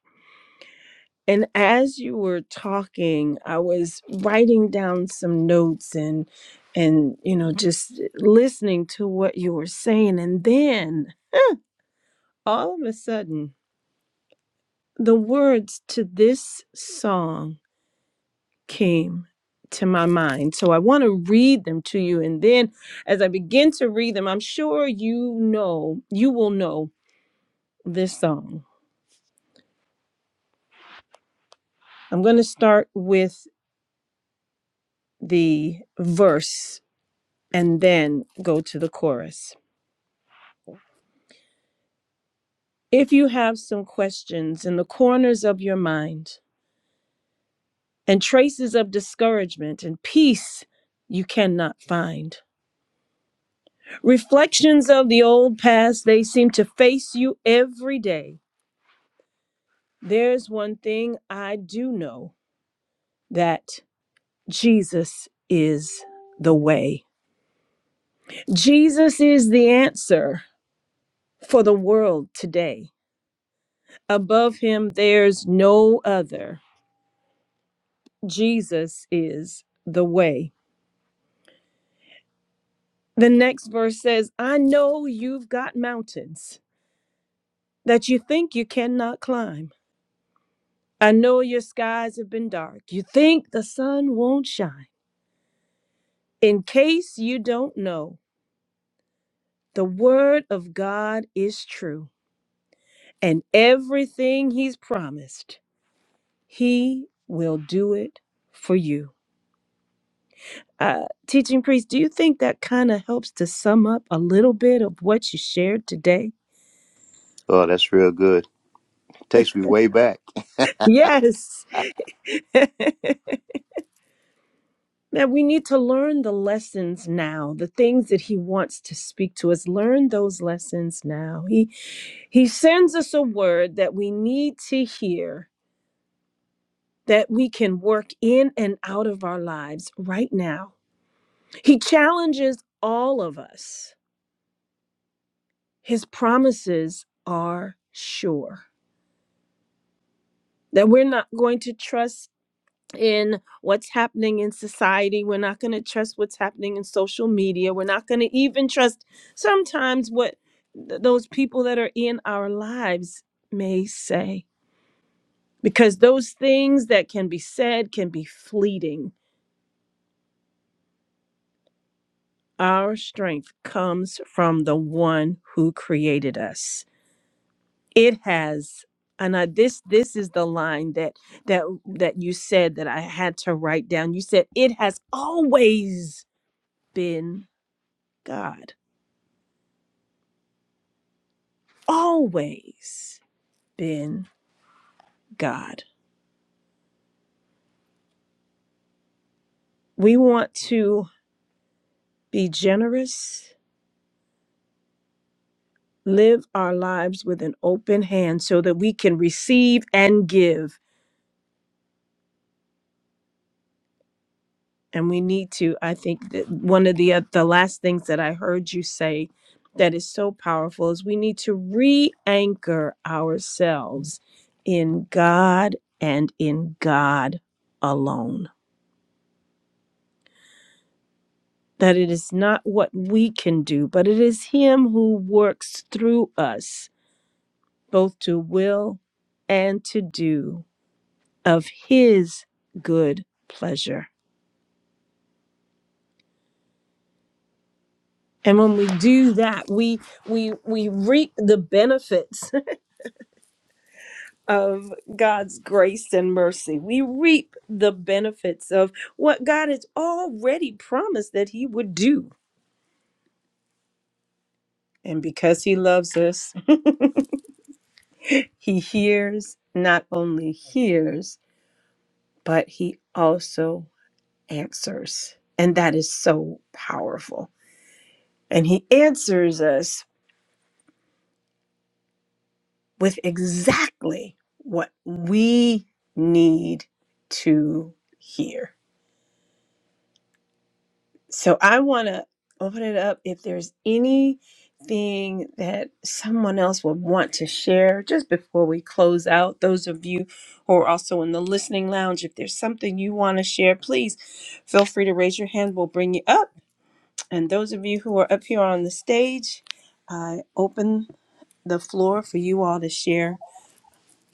Speaker 4: And as you were talking, I was writing down some notes and and you know just listening to what you were saying and then all of a sudden the words to this song came to my mind. So I want to read them to you and then as I begin to read them, I'm sure you know, you will know this song. I'm going to start with the verse and then go to the chorus. If you have some questions in the corners of your mind and traces of discouragement and peace you cannot find, reflections of the old past, they seem to face you every day. There's one thing I do know that Jesus is the way. Jesus is the answer for the world today. Above him, there's no other. Jesus is the way. The next verse says, I know you've got mountains that you think you cannot climb. I know your skies have been dark. You think the sun won't shine. In case you don't know, the word of God is true, and everything he's promised, he will do it for you. Uh, teaching priest, do you think that kind of helps to sum up a little bit of what you shared today?
Speaker 8: Oh, that's real good. Takes me way back.
Speaker 4: Yes. [LAUGHS] Man, we need to learn the lessons now, the things that he wants to speak to us. Learn those lessons now. He he sends us a word that we need to hear that we can work in and out of our lives right now. He challenges all of us. His promises are sure. That we're not going to trust in what's happening in society. We're not going to trust what's happening in social media. We're not going to even trust sometimes what th- those people that are in our lives may say, because those things that can be said can be fleeting. Our strength comes from the one who created us. It has and I, this this is the line that that that you said that I had to write down. You said it has always been God, always been God. We want to be generous, live our lives with an open hand so that we can receive and give. And we need to, I think that one of the uh, the last things that I heard you say that is so powerful is we need to re-anchor ourselves in God and in God alone. that it is not what we can do, but it is Him who works through us, both to will and to do of His good pleasure. And when we do that, we we we reap the benefits [LAUGHS] of God's grace and mercy. We reap the benefits of what God has already promised that He would do. And because He loves us, [LAUGHS] He hears, not only hears, but he also answers. And that is so powerful. And he answers us with exactly what we need to hear. So I want to open it up. If there's anything that someone else would want to share just before we close out, those of you who are also in the listening lounge, if there's something you want to share, please feel free to raise your hand. We'll bring you up And those of you who are up here on the stage, I open the floor for you all to share.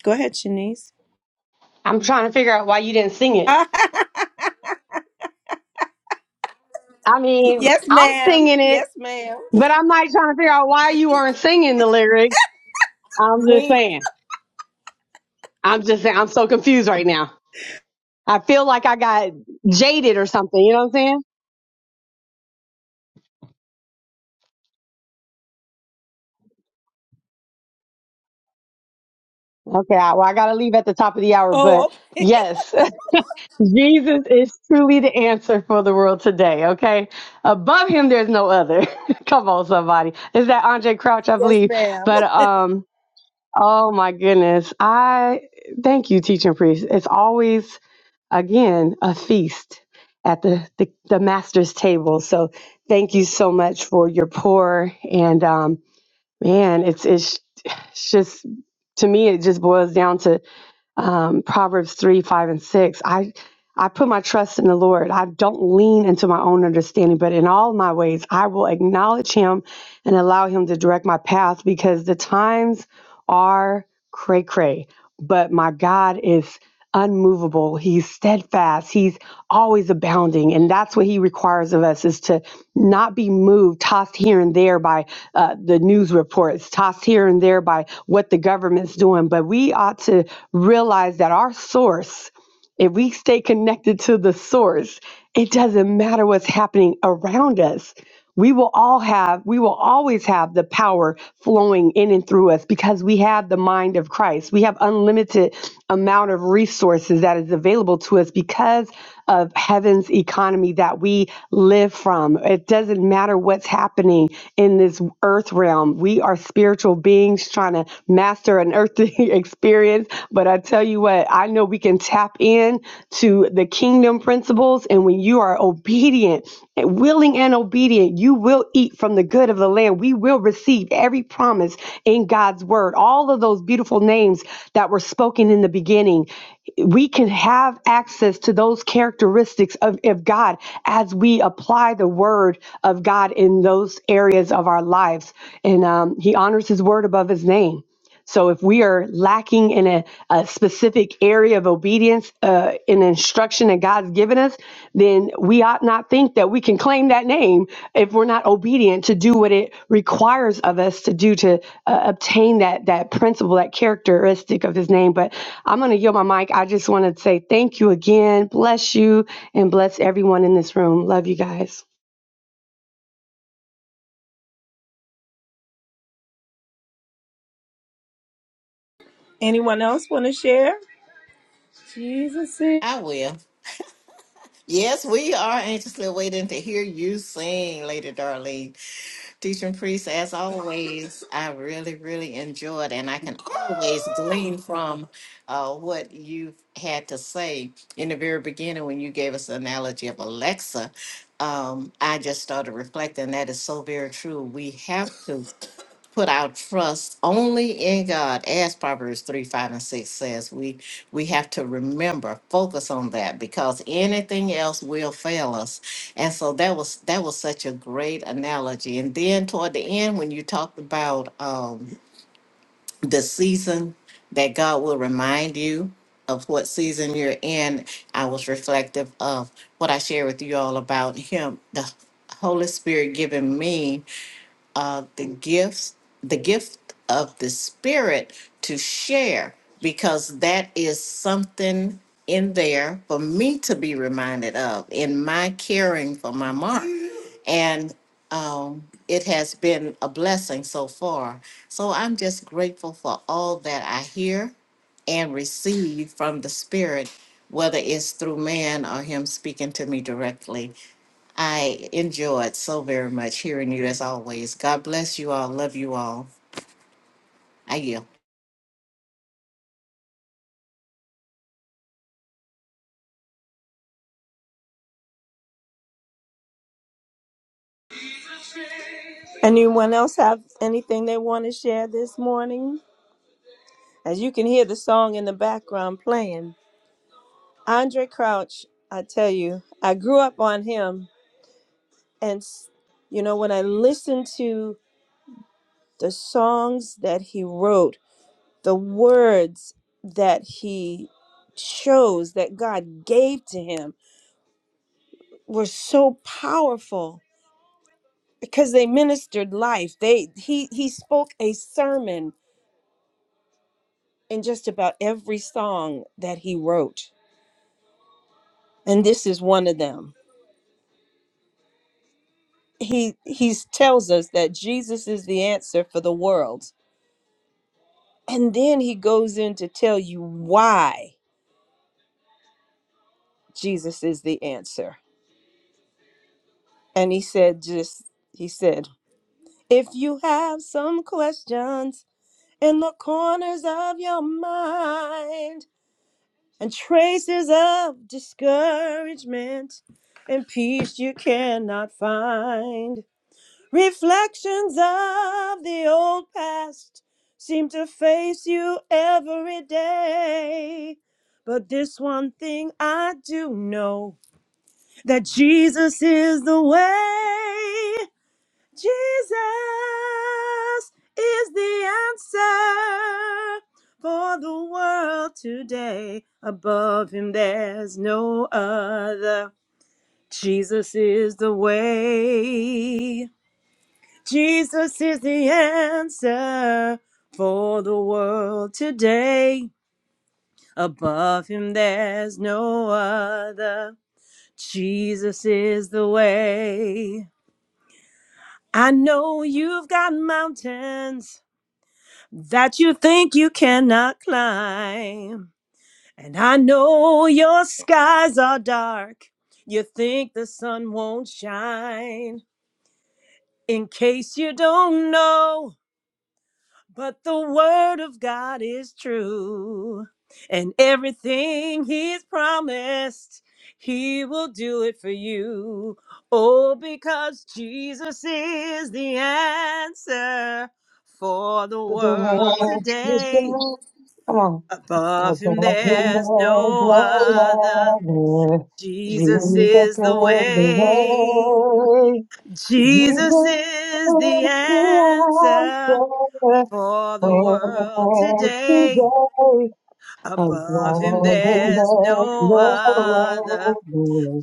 Speaker 4: Go ahead, Shanice.
Speaker 6: I'm trying to figure out why you didn't sing it.
Speaker 4: [LAUGHS]
Speaker 6: I mean,
Speaker 4: yes,
Speaker 6: I'm
Speaker 4: ma'am.
Speaker 6: singing it,
Speaker 4: Yes, ma'am.
Speaker 6: but I'm like trying to figure out why you weren't singing the lyric. I'm just saying. I'm just saying. I'm so confused right now. I feel like I got jaded or something. You know what I'm saying? Okay. I, well, I got to leave at the top of the hour,
Speaker 4: Oh,
Speaker 6: but
Speaker 4: okay.
Speaker 6: yes, [LAUGHS] Jesus is truly the answer for the world today. Okay. Above him, there's no other. [LAUGHS] Come on, somebody. Is that Andre Crouch? I
Speaker 4: [LAUGHS] yes,
Speaker 6: believe.
Speaker 4: ma'am.
Speaker 6: But, um, oh my goodness. I thank you, teaching priest. It's always again a feast at the, the, the master's table. So thank you so much for your pour. And um, man, it's, it's it's just to me it just boils down to um, Proverbs three, five, and six. I I put my trust in the Lord. I don't lean into my own understanding, but in all my ways I will acknowledge Him and allow Him to direct my path because the times are cray cray, but my God is unmovable. He's steadfast. He's always abounding. And that's what he requires of us is to not be moved, tossed here and there by uh, the news reports, tossed here and there by what the government's doing. But we ought to realize that our source if we stay connected to the source, it doesn't matter what's happening around us. We will all have, we will always have the power flowing in and through us because we have the mind of Christ. We have unlimited amount of resources that is available to us because of heaven's economy that we live from. It doesn't matter what's happening in this earth realm realm. We are spiritual beings trying to master an earthly [LAUGHS] experience. But I tell you what, I know we can tap in to the kingdom principles. And when you are obedient, and willing and obedient, you will eat from the good of the land. We will receive every promise in God's word. All of those beautiful names that were spoken in the beginning, we can have access to those those characteristics of, of God as we apply the word of God in those areas of our lives. And um, he honors his word above his name. So if we are lacking in a, a specific area of obedience, uh, in instruction that God's given us, then we ought not think that we can claim that name if we're not obedient to do what it requires of us to do to uh, obtain that that principle, that characteristic of His name. But I'm going to yield my mic. I just want to say thank you again. Bless you and bless everyone in this room. Love you guys.
Speaker 4: Anyone else want to share? Jesus is
Speaker 5: I will. Yes, we are anxiously waiting to hear you sing, Lady Darlene. Teaching priest, as always, I really, really enjoyed, and I can always glean from uh, what you had to say in the very beginning when you gave us the analogy of Alexa. Um, I just started reflecting. That is so very true. We have to put our trust only in God, as Proverbs 3, 5, and 6 says. We we have to remember, focus on that because anything else will fail us. And so that was that was such a great analogy. And then toward the end, when you talked about um the season that God will remind you of what season you're in, I was reflective of what I shared with you all about him, the Holy Spirit giving me uh, the gifts, the gift of the Spirit to share, because that is something in there for me to be reminded of in my caring for my mom. And um, it has been a blessing so far. So I'm just grateful for all that I hear and receive from the Spirit, whether it's through man or Him speaking to me directly. I enjoyed so very much hearing you as always. God bless you all. Love you all. I yield.
Speaker 4: Anyone else have anything they want to share this morning? As you can hear the song in the background playing, Andre Crouch, I tell you, I grew up on him. And, s- you know, when I listen to the songs that he wrote, the words that he chose that God gave to him were so powerful because they ministered life. They he he spoke a sermon in just about every song that he wrote. And this is one of them. He he tells us that Jesus is the answer for the world. And then he goes in to tell you why Jesus is the answer. And he said just he said If you have some questions in the corners of your mind and traces of discouragement and peace you cannot find, reflections of the old past seem to face you every day. But this one thing I do know that Jesus is the way. Jesus is the answer for the world today. Above him, there's no other. Jesus is the way. Jesus is the answer for the world today. Above him, there's no other. Jesus is the way. I know you've got mountains. that you think you cannot climb. And I know your skies are dark. You think the sun won't shine. In case you don't know, but the word of God is true. And everything he's promised, he will do it for you. Oh, because Jesus is the answer for the
Speaker 6: With the
Speaker 4: world
Speaker 6: world is
Speaker 4: today.
Speaker 6: love. Come on. I
Speaker 4: Above
Speaker 6: the
Speaker 4: him
Speaker 6: love,
Speaker 4: there's no other.
Speaker 6: love, love. Jesus is
Speaker 4: Jesus is
Speaker 6: the
Speaker 4: the way.
Speaker 6: way.
Speaker 4: Jesus
Speaker 6: Jesus is
Speaker 4: is the
Speaker 6: the
Speaker 4: answer
Speaker 6: answer.
Speaker 4: for the world
Speaker 6: And
Speaker 4: today.
Speaker 6: today, I'm
Speaker 4: Above him
Speaker 6: and
Speaker 4: there's no other.
Speaker 6: love,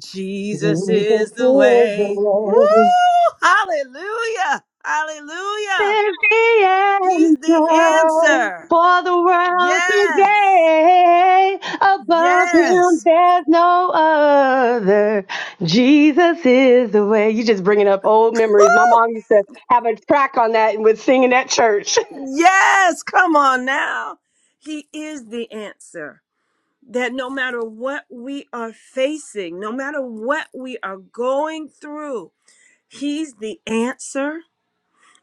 Speaker 6: Jesus
Speaker 4: Jesus
Speaker 6: is
Speaker 4: is the
Speaker 6: the
Speaker 4: way.
Speaker 6: way.
Speaker 4: Woo! Hallelujah! Hallelujah!
Speaker 6: There's the
Speaker 4: He's the
Speaker 6: answer
Speaker 4: answer.
Speaker 6: for the world
Speaker 4: Yes.
Speaker 6: today. Above him,
Speaker 4: Yes.
Speaker 6: there's no other. Jesus is the way. You just bringing up old memories. My mom used to have a track on that and would sing in that church.
Speaker 4: Yes, come on now. He is the answer. That no matter what we are facing, no matter what we are going through, He's the answer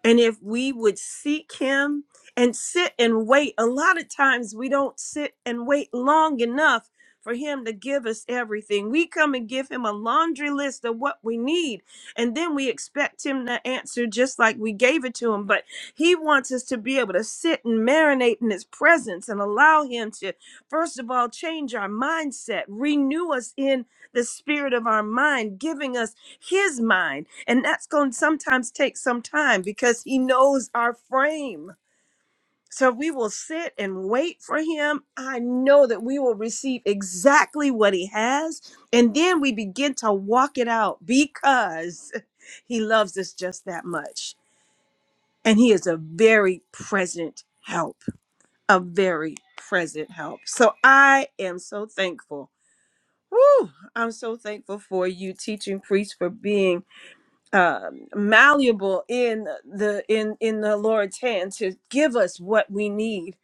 Speaker 4: and if we would seek him and sit and wait, a lot of times we don't sit and wait long enough for him to give us everything. We come and give him a laundry list of what we need, and then we expect him to answer just like we gave it to him. But he wants us to be able to sit and marinate in his presence and allow him to, first of all, change our mindset, renew us in the spirit of our mind, giving us his mind and that's going to sometimes take some time because he knows our frame. So if we will sit and wait for him. I know that we will receive exactly what he has. And then we begin to walk it out because [LAUGHS] he loves us just that much. And he is a very present help, a very present help. So I am so thankful. Woo! I'm so thankful for you, teaching priest, for being um, malleable in the in in the Lord's hand to give us what we need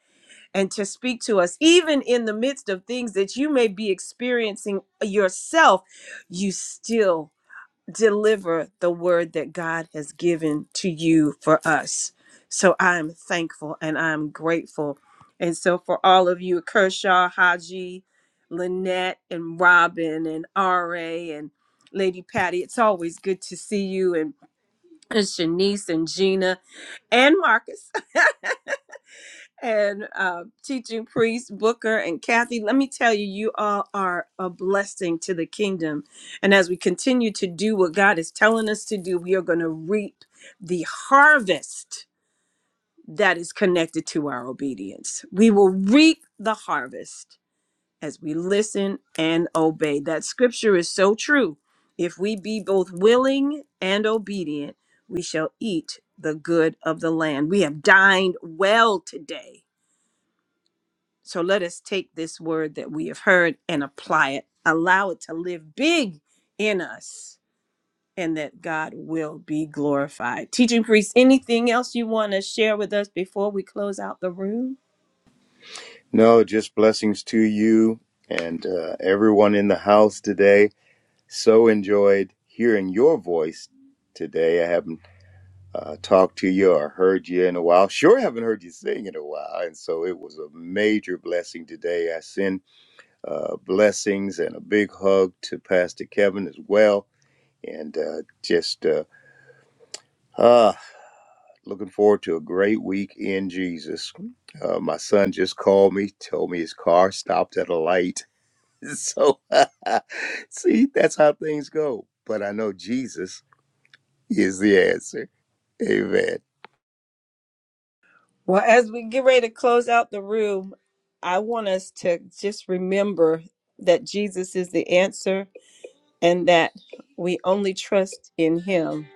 Speaker 4: and to speak to us even in the midst of things that you may be experiencing yourself you still deliver the word that God has given to you for us so I'm thankful and I'm grateful and so for all of you Kershaw Haji Lynette and Robin and RA and Lady Patty, it's always good to see you and Shanice and Gina and Marcus [LAUGHS] and uh, teaching priest Booker and Kathy. Let me tell you, you all are a blessing to the kingdom. And as we continue to do what God is telling us to do, we are going to reap the harvest that is connected to our obedience. We will reap the harvest as we listen and obey. That scripture is so true. If we be both willing and obedient, we shall eat the good of the land. We have dined well today. So let us take this word that we have heard and apply it. Allow it to live big in us and that God will be glorified. Teaching priest, anything else you want to share with us before we close out the room?
Speaker 8: No, just blessings to you and uh, everyone in the house today. So enjoyed hearing your voice today. I have. not uh, talked to you or heard you in a while. Sure, haven't heard you sing in a while. And so it was a major blessing today. I send uh, blessings and a big hug to Pastor Kevin as well. And uh, just uh, ah, looking forward to a great week in Jesus. Uh, my son just called me, told me his car stopped at a light. [LAUGHS] So, [LAUGHS] see, that's how things go. But I know Jesus is the answer. Amen.
Speaker 4: Well, as we get ready to close out the room, I want us to just remember that Jesus is the answer and that we only trust in him,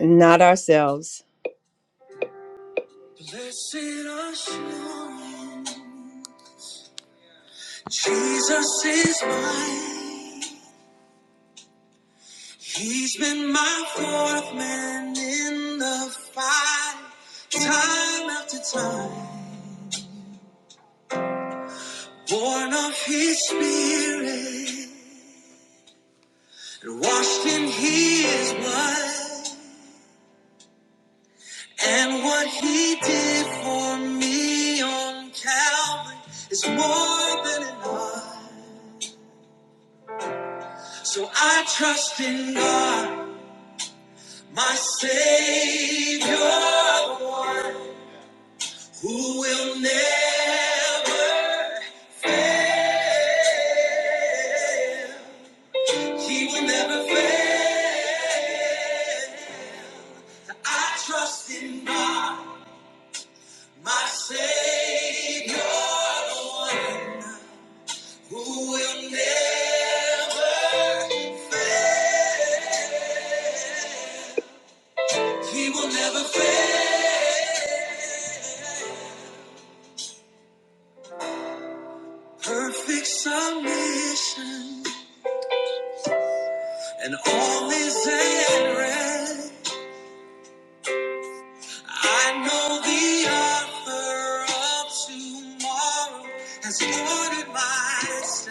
Speaker 4: not ourselves. Blessed assurance, Jesus is mine. He's been my fourth man in the fight, time after time, born of his spirit. You're washed in his blood and what he did for me on Calvary is more than enough. So I trust in God, my Savior, the one who will never fail. He will never fail. I trust in God. My Savior, the one who will never fail. He will never fail. Perfect submission and all is at rest. I know the offer of tomorrow has ordered my steps.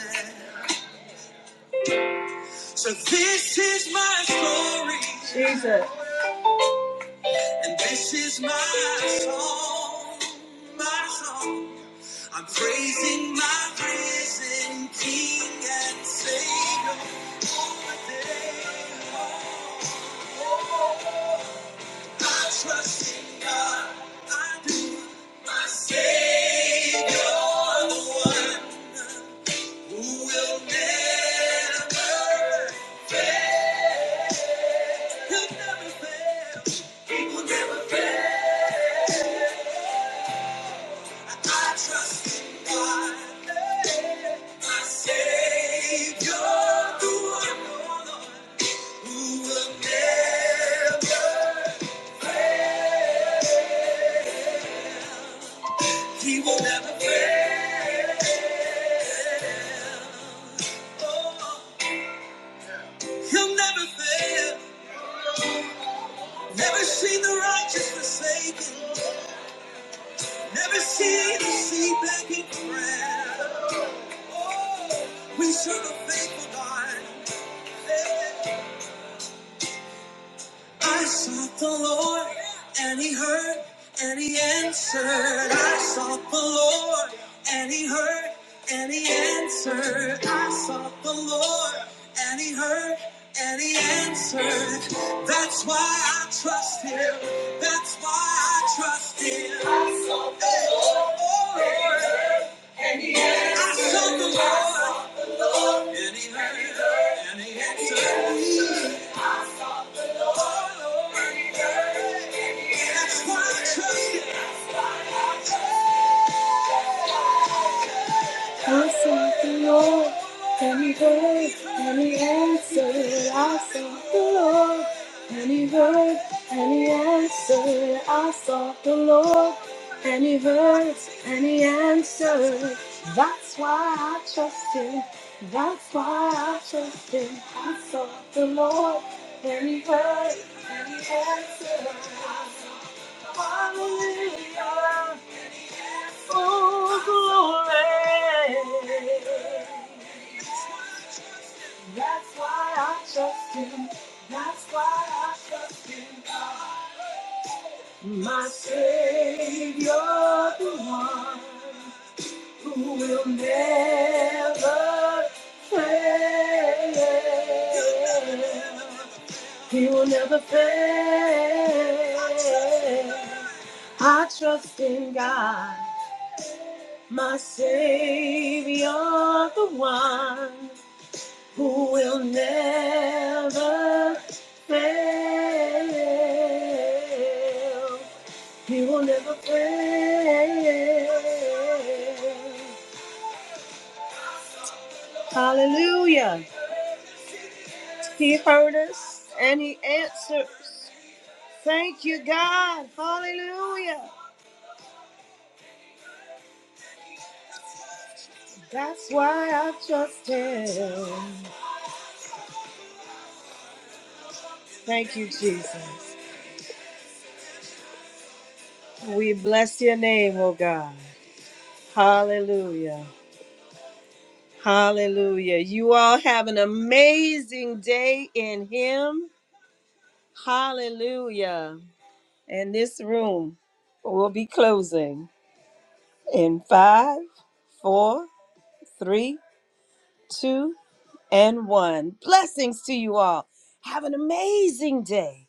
Speaker 4: So this is my story. And this is my song, my song. I'm praising my risen King and Savior all the day long. Oh, I trust in God, I do. My Savior, the one who will never, he'll never fail. He will never fail. I trust in God, my Savior, the One who will never, He will never fail. Oh, He'll never fail. Never seen the righteous forsaken. Never seen the sea begging prayer. Oh, we serve a faithful God. I sought the Lord, and He heard, and He answered. I sought the Lord, and He heard, and He answered. I sought the Lord, and He heard, and He answered. That's why I trust Him. That's why I trust Him. I sought the Lord, oh, Lord. I sought the Lord, and He heard, and He answered. I sought the Lord, and He heard, and He answered. I sought the Lord, and He heard, and He answered. I sought the Lord, and He heard, and He answered. That's why I trust Him. That's why I trust Him. I sought the Lord, and He heard, and He answered. Hallelujah. Oh, glory. That's why I trust him. That's why I trust him. God. My Savior, the one who will never fail. He will never fail. I trust in God. my Savior, the one who will never fail. He will never fail. Hallelujah. He heard us and he answers. Thank you, God. Hallelujah. That's why I trust him. Thank you, Jesus. We bless your name, oh God. Hallelujah. Hallelujah. You all have an amazing day in Him. Hallelujah. And this room will be closing in five, four, three, two, and one. Blessings to you all. Have an amazing day.